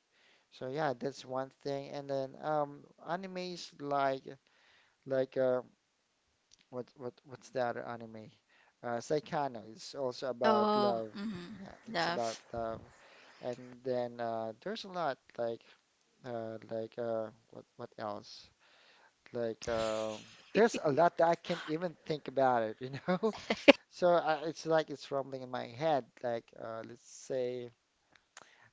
Speaker 1: So yeah, that's one thing. And then um, animes like. Like uh, what what what's the other anime? Uh, Saikano is also about
Speaker 2: Oh.
Speaker 1: love. Yeah,
Speaker 2: Mm-hmm.
Speaker 1: it's about
Speaker 2: Love.
Speaker 1: love. And then uh, there's a lot like uh, like uh, what what else? Like uh, there's a lot that I can't even think about it, you know? So I, it's like it's rumbling in my head. Like uh, let's say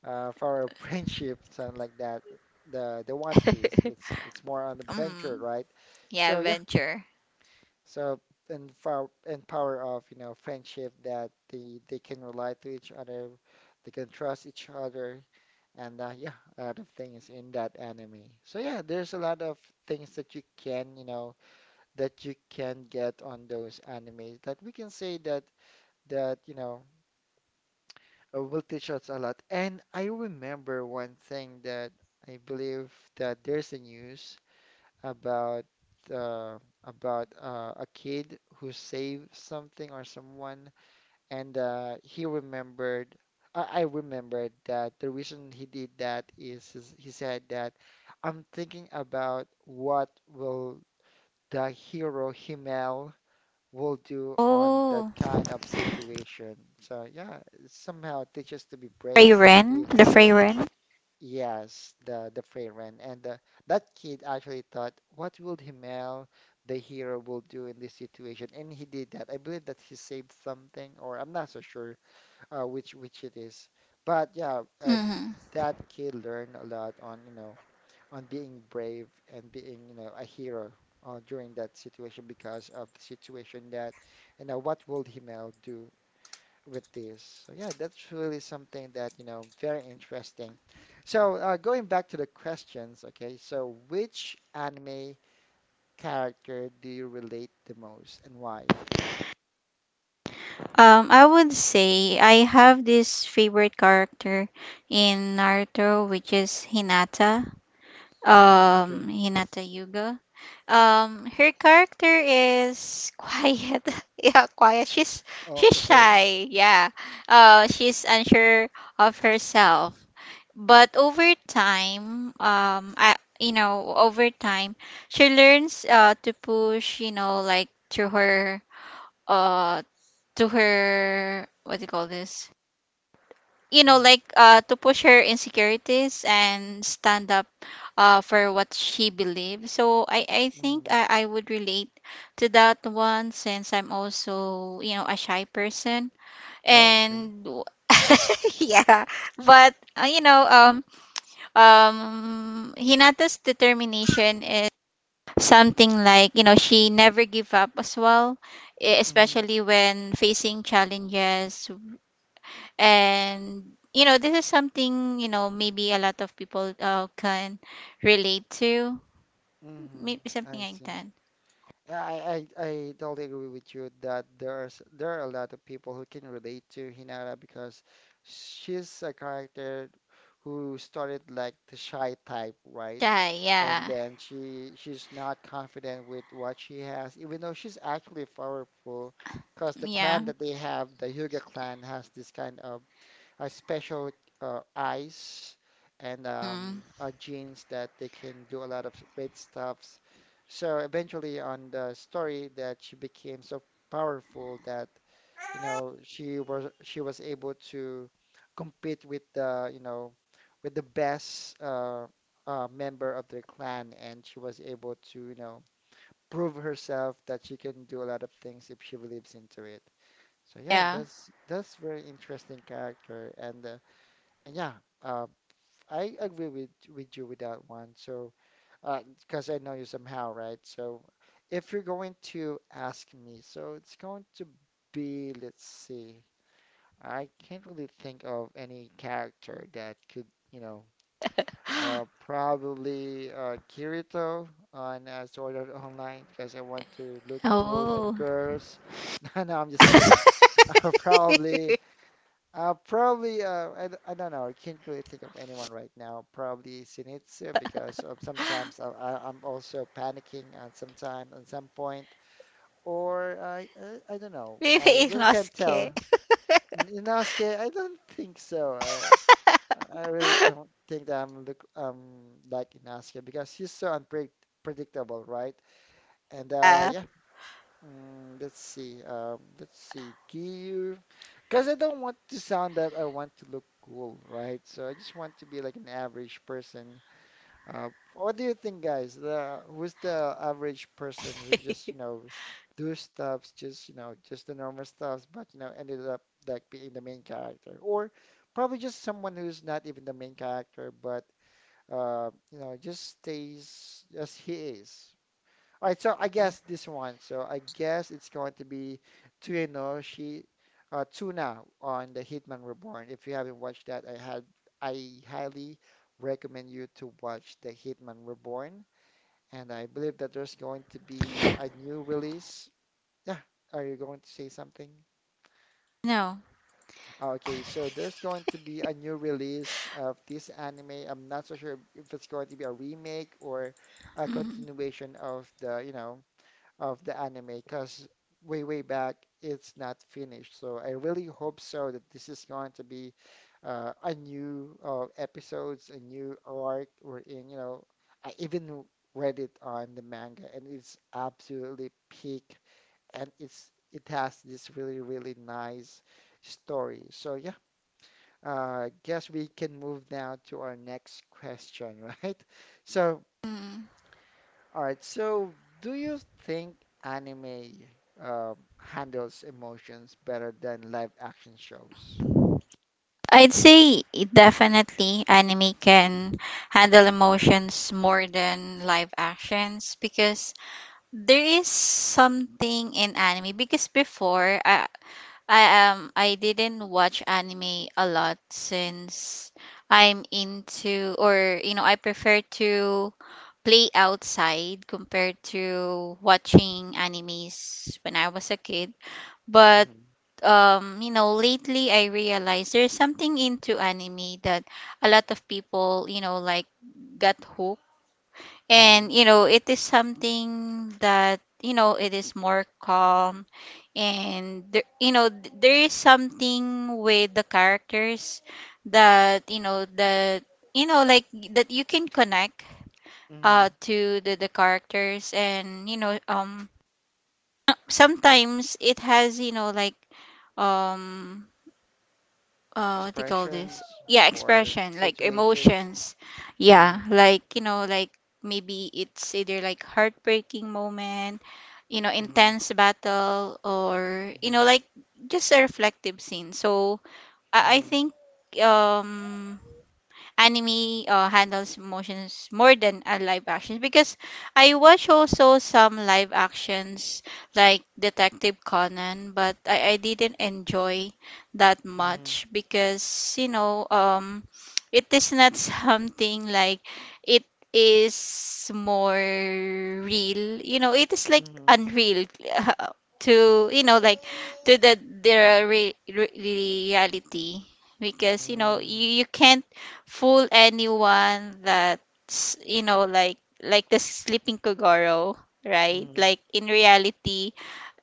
Speaker 1: uh, for our friendship, something like that. The the One Piece. It's it's more an adventure,
Speaker 2: Mm,
Speaker 1: right?
Speaker 2: yeah,
Speaker 1: So yeah.
Speaker 2: adventure.
Speaker 1: So and for and power of you know friendship that they they can rely to each other, they can trust each other, and uh, yeah, a lot of things in that anime. So yeah, there's a lot of things that you can you know that you can get on those animes that we can say that that you know uh, will teach us a lot. And I remember one thing that I believe that there's a news about uh, about uh, a kid who saved something or someone, and uh, he remembered. I, I remembered that the reason he did that is, is he said that I'm thinking about what will the hero Himmel will do on that
Speaker 2: Oh,
Speaker 1: kind of situation. So yeah, somehow it teaches to be brave and be a
Speaker 2: Freyren, the
Speaker 1: hero.
Speaker 2: Freyren.
Speaker 1: Yes, the the Freyren and uh, that kid actually thought, what will Himmel, the hero, will do in this situation, and he did that. I believe that he saved something, or I'm not so sure uh, which which it is. But yeah, uh,
Speaker 2: Hmm.
Speaker 1: that kid learned a lot on you know on being brave and being you know a hero uh, during that situation because of the situation that you know what will Himmel do with this. So yeah, that's really something that, you know, very interesting. So uh, going back to the questions, okay, so which anime character do you relate the most and why?
Speaker 2: Um, I would say I have this favorite character in Naruto, which is Hinata.
Speaker 1: Mm,
Speaker 2: Um,
Speaker 1: okay.
Speaker 2: Hinata Yuga. Um, her character is quiet. Yeah, quiet. She's
Speaker 1: Oh,
Speaker 2: she's
Speaker 1: okay.
Speaker 2: shy. Yeah. Uh, she's unsure of herself. But over time, um i you know over time she learns uh to push, you know like to her, uh to her, what do you call this, you know
Speaker 1: Mm-hmm.
Speaker 2: like uh to push her insecurities and stand up uh for what she believes. So i i think
Speaker 1: Mm-hmm.
Speaker 2: i, I would relate to that one, since I'm also, you know a shy person
Speaker 1: Oh, okay.
Speaker 2: and yeah. But uh, you know um um Hinata's determination is something like, you know she never give up as well, e-
Speaker 1: Mm-hmm.
Speaker 2: especially when facing challenges. And you know, this is something, you know, maybe a lot of people uh, can relate to,
Speaker 1: Mm-hmm.
Speaker 2: maybe something
Speaker 1: I
Speaker 2: like
Speaker 1: see.
Speaker 2: that.
Speaker 1: Yeah, I, I, I totally agree with you that there's there are a lot of people who can relate to Hinata because she's a character who started like the shy type, right?
Speaker 2: Yeah,
Speaker 1: And
Speaker 2: yeah,
Speaker 1: then she she's not confident with what she has, even though she's actually powerful, because the
Speaker 2: yeah.
Speaker 1: clan that they have, the Hyuga clan, has this kind of a special uh, eyes and
Speaker 2: Mm,
Speaker 1: um, uh, genes that they can do a lot of great stuffs. So eventually, on the story, that she became so powerful that you know she was she was able to compete with the you know with the best uh, uh, member of their clan, and she was able to you know prove herself that she can do a lot of things if she believes into it. So yeah,
Speaker 2: yeah.
Speaker 1: that's that's very interesting character and. Uh, and yeah, uh, I agree with with you with that one. So, because I know you somehow, right? So, if you're going to ask me, so it's going to be, let's see, I can't really think of any character that could, you know, uh, probably uh, Kirito on uh, Sword Art Online because I want to look cool on
Speaker 2: Oh.
Speaker 1: girls. No, no, I'm just kidding. Uh, probably. Uh, probably, uh, I, d- I don't know. I can't really think of anyone right now. Probably Shinitzio because of sometimes I, I, I'm also panicking at some time, at some point. Or I, I, I don't know.
Speaker 2: Maybe
Speaker 1: I
Speaker 2: I
Speaker 1: really can't
Speaker 2: lost care.
Speaker 1: tell. N- Inosuke, I don't think so. I, I really don't think that I'm look, um, like Inosuke because he's so unpredictable, right? And uh, yeah. Mm, let's see. Um, let's see. Gear. Because I don't want to sound that I want to look cool, right? So I just want to be like an average person. Uh, what do you think, guys? The who's the average person who just, you know, do stuffs, just, you know, just the normal stuffs, but, you know, ended up like being the main character? Or probably just someone who's not even the main character, but, uh, you know, just stays as he is. All right, so I guess this one. So I guess it's going to be Tsuenoshi uh, Tsuna on the Hitman Reborn. If you haven't watched that, I had I highly recommend you to watch the Hitman Reborn. And I believe that there's going to be a new release. Yeah, are you going to say something?
Speaker 2: No.
Speaker 1: Oh, okay, so there's going to be a new release of this anime. I'm not so sure if it's going to be a remake or a
Speaker 2: Mm,
Speaker 1: continuation of the, you know of the anime because way, way back it's not finished. So I really hope so that this is going to be uh, a new uh, episodes, a new arc we're in. You know, I even read it on the manga and it's absolutely peak and it's it has this really, really nice story. So yeah, uh, guess we can move now to our next question, right? So
Speaker 2: mm.
Speaker 1: all right, so do you think anime um, handles emotions better than live action shows?
Speaker 2: I'd say it definitely anime can handle emotions more than live actions, because there is something in anime. Because before, I I um I didn't watch anime a lot, since I'm into, or you know, I prefer to play outside compared to watching animes when I was a kid. But
Speaker 1: Mm-hmm.
Speaker 2: um, you know, lately I realized there's something into anime that a lot of people, you know, like, got hooked.
Speaker 1: Mm-hmm.
Speaker 2: And, you know, it is something that, you know, it is more calm, and there, you know, th- there is something with the characters that, you know, that, you know, like, that you can connect
Speaker 1: Mm-hmm.
Speaker 2: uh to the, the characters. And, you know, um sometimes it has, you know, like, um uh what do you call this.
Speaker 1: Expressions
Speaker 2: Yeah,
Speaker 1: or
Speaker 2: expression, like
Speaker 1: situations?
Speaker 2: emotions.
Speaker 1: Mm-hmm.
Speaker 2: Yeah, like you know, like, maybe it's either like heartbreaking moment, you know,
Speaker 1: Mm-hmm.
Speaker 2: intense battle, or you know, like, just a reflective scene. So i, I
Speaker 1: Mm-hmm.
Speaker 2: think um anime uh, handles emotions more than a live action. Because I watch also some live actions like Detective Conan, but I, I didn't enjoy that
Speaker 1: Mm-hmm.
Speaker 2: much, because you know, um it is not something like, it is more real, you know, it is like
Speaker 1: Mm-hmm.
Speaker 2: unreal to, you know, like, to the, their re- re- reality. Because you know,
Speaker 1: Mm-hmm.
Speaker 2: you, you can't fool anyone. That's, you know, like like the sleeping Kogoro, right?
Speaker 1: Mm-hmm.
Speaker 2: Like in reality,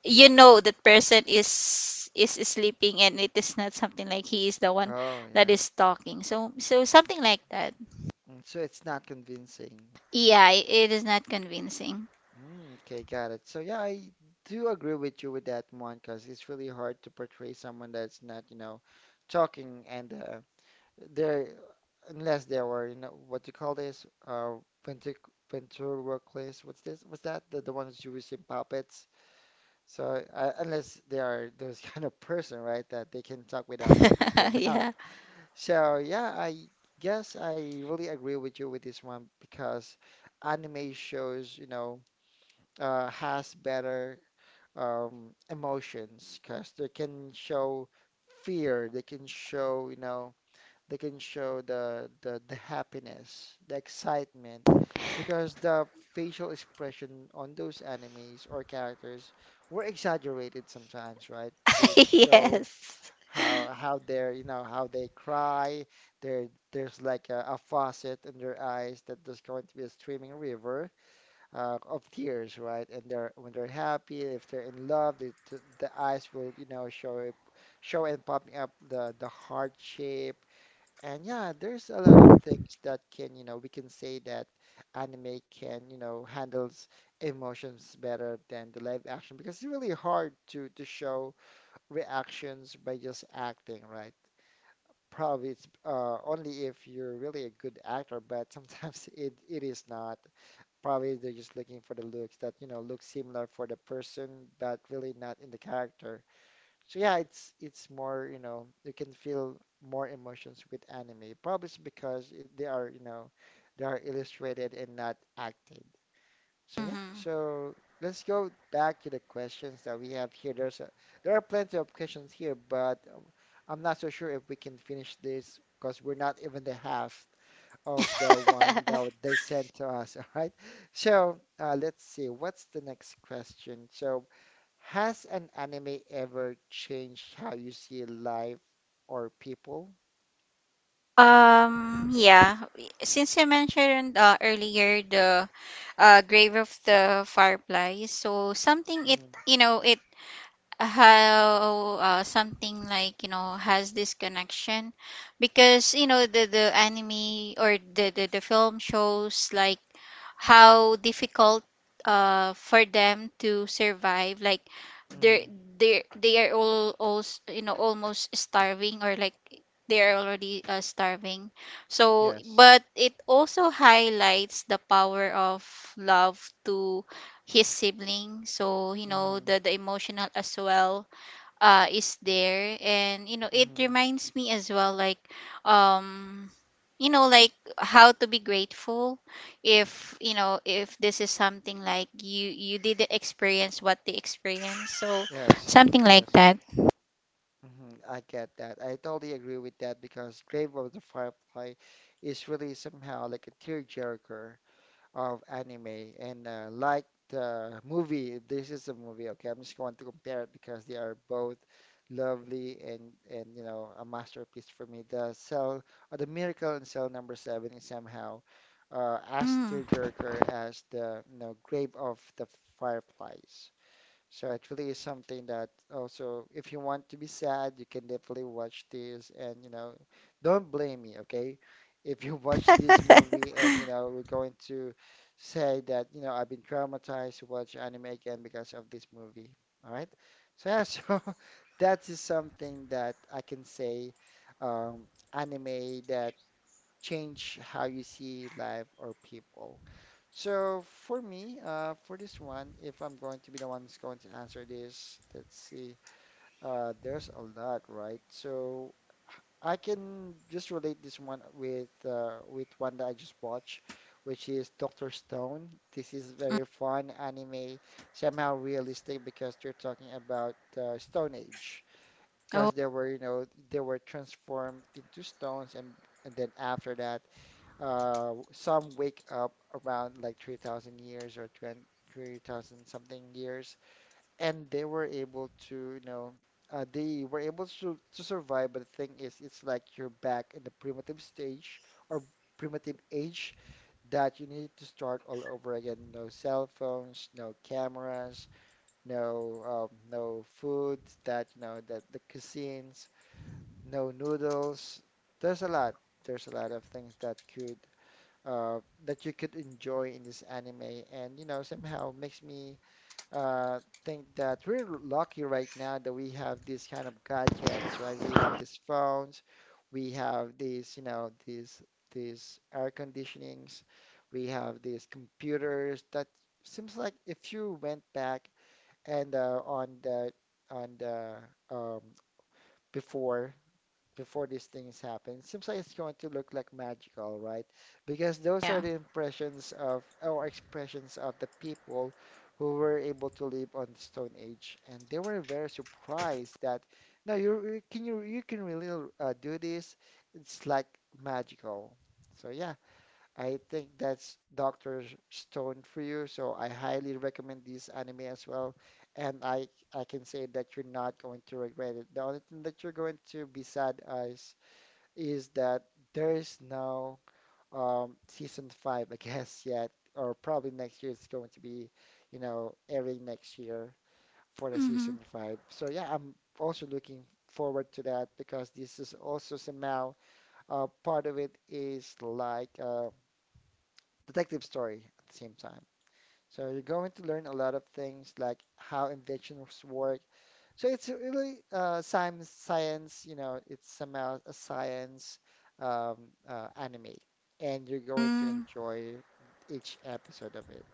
Speaker 2: you know, that person is is sleeping, and it is not something like he is the one
Speaker 1: Oh,
Speaker 2: that
Speaker 1: yeah.
Speaker 2: is talking. So, so something like that.
Speaker 1: Mm, so it's not convincing.
Speaker 2: Yeah, it, it is not convincing.
Speaker 1: Mm, okay, got it. So yeah, I do agree with you with that one because it's really hard to portray someone that's not, you know, talking and uh, there, unless there were, you know, what you call this, uh, ventric ventriloquist. What's this? What's that? The, the ones you use in puppets. So uh, unless they are those kind of person, right, that they can talk without opening their mouth.
Speaker 2: Yeah.
Speaker 1: So yeah, I guess I really agree with you with this one because anime shows, you know, uh, has better um, emotions because they can show fear, they can show, you know they can show the the the happiness, the excitement, because the facial expression on those animes or characters were exaggerated sometimes, right? To show
Speaker 2: Yes.
Speaker 1: how how they're you know how they cry. There there's like a, a faucet in their eyes that there's going to be a streaming river uh, of tears, right? And they're when they're happy, if they're in love, the the the eyes will you know show it show and popping up the the heart shape and yeah, there's a lot of things that can, you know, we can say that anime can, you know, handles emotions better than the live action because it's really hard to to show reactions by just acting, right? Probably it's uh, only if you're really a good actor, but sometimes it it is not. Probably they're just looking for the looks that, you know, look similar for the person, but really not in the character. So yeah, it's it's more, you know, you can feel more emotions with anime. Probably it's because it, they are, you know, they are illustrated and not acted. So yeah,
Speaker 2: Hmm.
Speaker 1: so let's go back to the questions that we have here. There's a, there are plenty of questions here, but um, I'm not so sure if we can finish this because we're not even the half of the one that w- they sent to us. All right. So uh, let's see. What's the next question? So, has an anime ever changed how you see life or people?
Speaker 2: Um, yeah, we- since you mentioned uh, earlier the uh, Grave of the Fireflies, so something it,
Speaker 1: Mm-hmm.
Speaker 2: you know, it, how, uh, something like, you know, has this connection. Because, you know, the the anime, or the the, the film shows like how difficult uh for them to survive. Like they're,
Speaker 1: Mm-hmm.
Speaker 2: they they are all also, you know, almost starving, or like they are already uh, starving. So,
Speaker 1: Yes.
Speaker 2: but it also highlights the power of love to his sibling. So you know,
Speaker 1: Mm-hmm.
Speaker 2: the the emotional as well uh is there. And you know, it
Speaker 1: Mm-hmm.
Speaker 2: reminds me as well, like, um you know, like, how to be grateful. If you know, if this is something like, you you didn't experience what they experienced. So
Speaker 1: Yes.
Speaker 2: something like
Speaker 1: Yes.
Speaker 2: that.
Speaker 1: Mhm, I get that. I totally agree with that because Grave of the Firefly is really somehow like a tearjerker. of anime. And uh, like the movie, this is a movie, okay, I'm just going to compare it because they are both lovely and and you know a masterpiece for me. The cell, or the miracle in cell number seven is somehow uh, as
Speaker 2: Mm.
Speaker 1: tearjerker as the you know grave of the fireflies. So it really is something that also, if you want to be sad, you can definitely watch this and, you know, don't blame me, okay? If you watch this movie and, you know, we're going to say that, you know, I've been traumatized to watch anime again because of this movie, all right? So yeah, so that is something that I can say, um, anime that change how you see life or people. So for me, uh, for this one, if I'm going to be the one who's going to answer this, let's see. Uh, there's a lot, right? So I can just relate this one with uh, with one that I just watched, which is Doctor Stone. This is very fun anime, somehow realistic because they're talking about uh, Stone Age,
Speaker 2: Oh
Speaker 1: because they were, you know, they were transformed into stones, and and then after that uh, some wake up around like three thousand years or three thousand something years, and they were able to, you know, uh, they were able to, to survive. But the thing is, it's like you're back in the primitive stage or primitive age that you need to start all over again. No cell phones, no cameras, no um, no foods that, you know, that the cuisines, no noodles. There's a lot. There's a lot of things that could uh, that you could enjoy in this anime. And, you know, somehow makes me uh, think that we're lucky right now that we have these kind of gadgets, right? We have these phones, we have these, you know, these these air conditionings, we have these computers that seems like if you went back and uh, on the on the um, before before these things happen. Seems like it's going to look like magical, right? Because those are
Speaker 2: yeah.
Speaker 1: the impressions of or expressions of the people who were able to live on the Stone Age, and they were very surprised that no, you can you you can really uh, do this. It's like magical. So yeah, I think that's Doctor Stone for you, so I highly recommend this anime as well. And I I can say that you're not going to regret it. The only thing that you're going to be sad as is that there is no um season five, I guess, yet, or probably next year it's going to be, you know, airing next year for the
Speaker 2: Mm-hmm.
Speaker 1: season five. So yeah, I'm also looking forward to that because this is also somehow uh, part of it is like uh detective story at the same time. So you're going to learn a lot of things like how inventions work. So it's really uh, science, science, you know, it's somehow a science um, uh, anime, and you're going to
Speaker 2: Mm.
Speaker 1: enjoy each episode of it.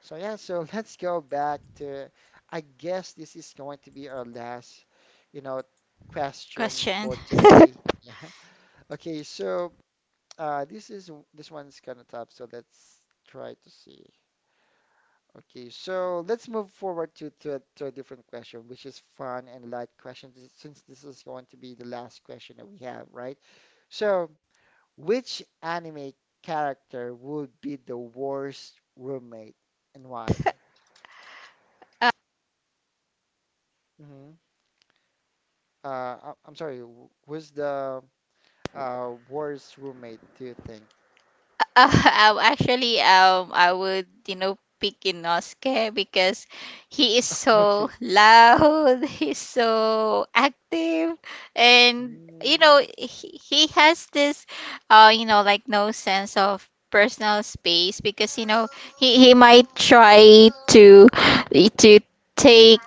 Speaker 1: So yeah, so let's go back to, I guess this is going to be our last, you know, question
Speaker 2: Question.
Speaker 1: for today. Yeah. Okay, so uh, this is this one's kind of tough, so let's try to see. Okay, so let's move forward to, to, a, to a different question, which is fun and light question, this- since this is going to be the last question that we have, right? So, which anime character would be the worst roommate and why? Hmm. Uh, I, I'm sorry, wh- who's the uh, worst roommate, do you think?
Speaker 2: Uh, um, actually, um, I would, you know, pick Inosuke because he is so
Speaker 1: Okay.
Speaker 2: loud, he's so active, and you know, he, he has this, uh, you know, like, no sense of personal space. Because you know, he he might try to to take,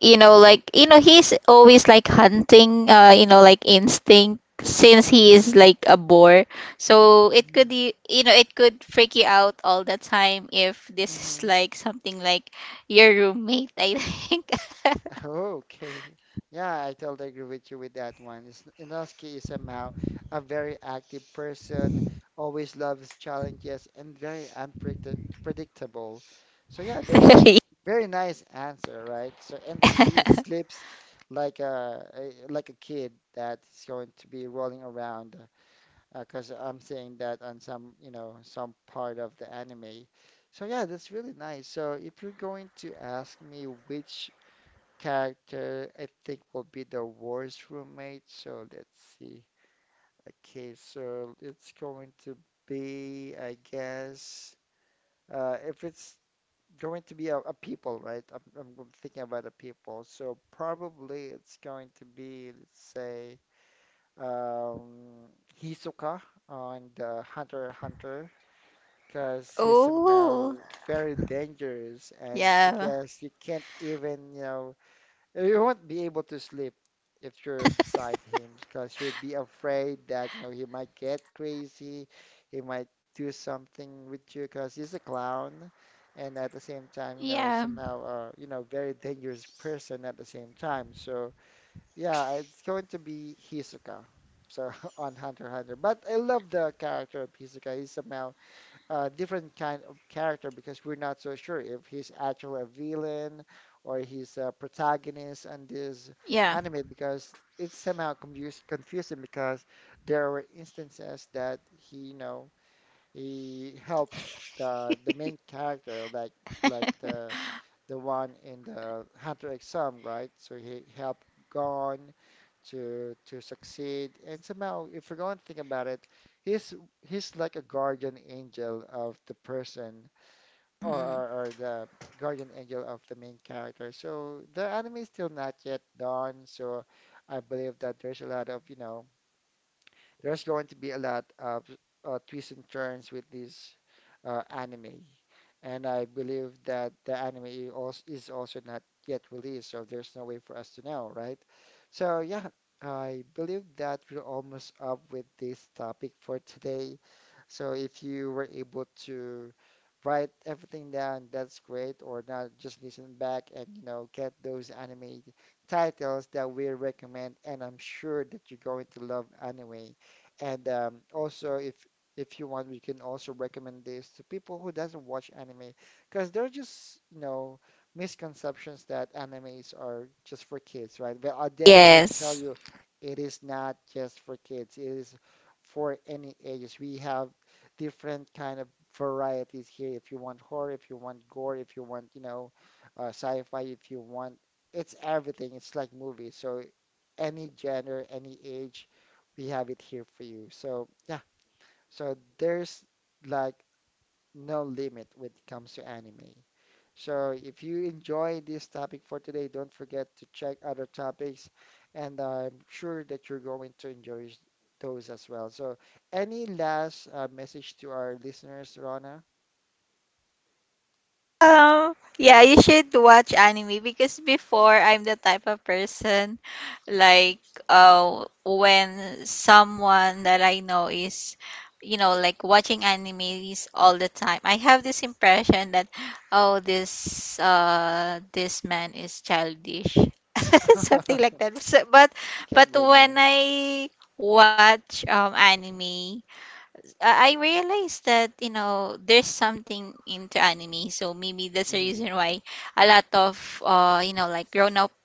Speaker 2: you know, like, you know, he's always like hunting, uh you know, like instinct, since he
Speaker 1: Mm-hmm.
Speaker 2: is like a boar. So it could y- you know, it could freak you out all the time if this is like something like your roommate, I think.
Speaker 1: Okay. Yeah, I totally agree with you with that one. Is- Inosuke is somehow a very active person, always loves challenges, and very unpredictable. Predictable. So yeah, that's a very nice answer, right? So and he he sleeps like a a- like a kid that's going to be rolling around, because I'm seeing that on some you know some part of the anime. So yeah, that's really nice. So if you're going to ask me which character I think will be the worst roommate. So let's see. Okay, so it's going to be, I guess, uh, if it's going to be a, a people, right? I'm, I'm I'm thinking about a people. So probably it's going to be, let's say, um, Hisoka on the Hunter x Hunter. Because he's somehow
Speaker 2: Oh,
Speaker 1: very dangerous, and I
Speaker 2: yeah.
Speaker 1: guess you can't even, you know, you won't be able to sleep if you're beside him because you'll be afraid that you know he might get crazy, he might do something with you because he's a clown, and at the same time, you
Speaker 2: Yeah.
Speaker 1: know, somehow, uh, you know, very dangerous person at the same time. So yeah, it's going to be Hisoka. So on Hunter x Hunter, but I love the character of Hisoka. He's somehow uh, different kind of character because we're not so sure if he's actually a villain or he's a protagonist in this
Speaker 2: Yeah.
Speaker 1: anime because it's somehow confuse, confusing because there were instances that he, you know, he helped the the main character like like the the one in the Hunter exam, right? So he helped Gon to to succeed, and somehow, if you're going to think about it, he's he's like a guardian angel of the person, or
Speaker 2: Mm.
Speaker 1: or, or the guardian angel of the main character. So the anime is still not yet done, so I believe that there's a lot of, you know there's going to be a lot of uh, twists and turns with this uh, anime. And I believe that the anime i- als- is also not yet released, so there's no way for us to know, right? So, yeah, I believe that we're almost up with this topic for today. So, if you were able to write everything down, that's great, or not, just listen back and, you know, get those anime titles that we recommend, and I'm sure that you're going to love anime. And um, also, if if you want, we can also recommend this to people who doesn't watch anime, because there are just you know misconceptions that animes are just for kids, right? But I'll definitely tell
Speaker 2: Yes.
Speaker 1: you, it is not just for kids. It is for any ages. We have different kind of varieties here. If you want horror, if you want gore, if you want you know uh, sci-fi, if you want, it's everything. It's like movies. So any gender, any age we have it here for you. So yeah, so there's like no limit when it comes to anime. So if you enjoy this topic for today, don't forget to check other topics, and I'm sure that you're going to enjoy those as well. So any last uh, message to our listeners, Rona?
Speaker 2: Um, yeah, you should watch anime. Because before, I'm the type of person, like, uh when someone that I know is, you know, like, watching animes all the time, I have this impression that, oh, this uh this man is childish. Something like that. So, but
Speaker 1: Can't
Speaker 2: but
Speaker 1: blame
Speaker 2: when
Speaker 1: you.
Speaker 2: I watch um anime, I I realized that, you know, there's something into anime. So maybe that's the
Speaker 1: Mhm,
Speaker 2: reason why a lot of, uh, you know, like, grown up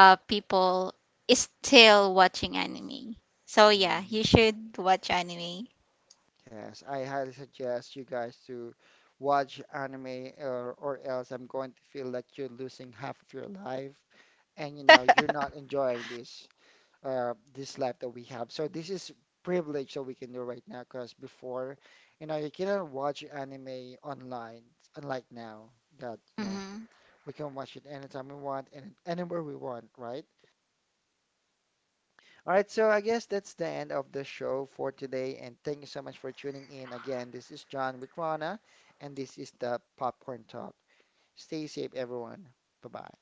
Speaker 2: uh, people is still watching anime. So yeah, you
Speaker 1: mhm.
Speaker 2: should watch anime.
Speaker 1: Yes, I highly suggest you guys to watch anime or, or else I'm going to feel like you're losing half of your life and you know you're not enjoying this uh this life that we have. So this is privilege that we can do right now because before, you know, you cannot watch anime online, unlike now that, you know,
Speaker 2: Mhm.
Speaker 1: we can watch it anytime we want and anywhere we want, right? All right, so I guess that's the end of the show for today, and thank you so much for tuning in. Again, this is John with Rana, and this is the Popcorn Talk. Stay safe, everyone. Bye bye.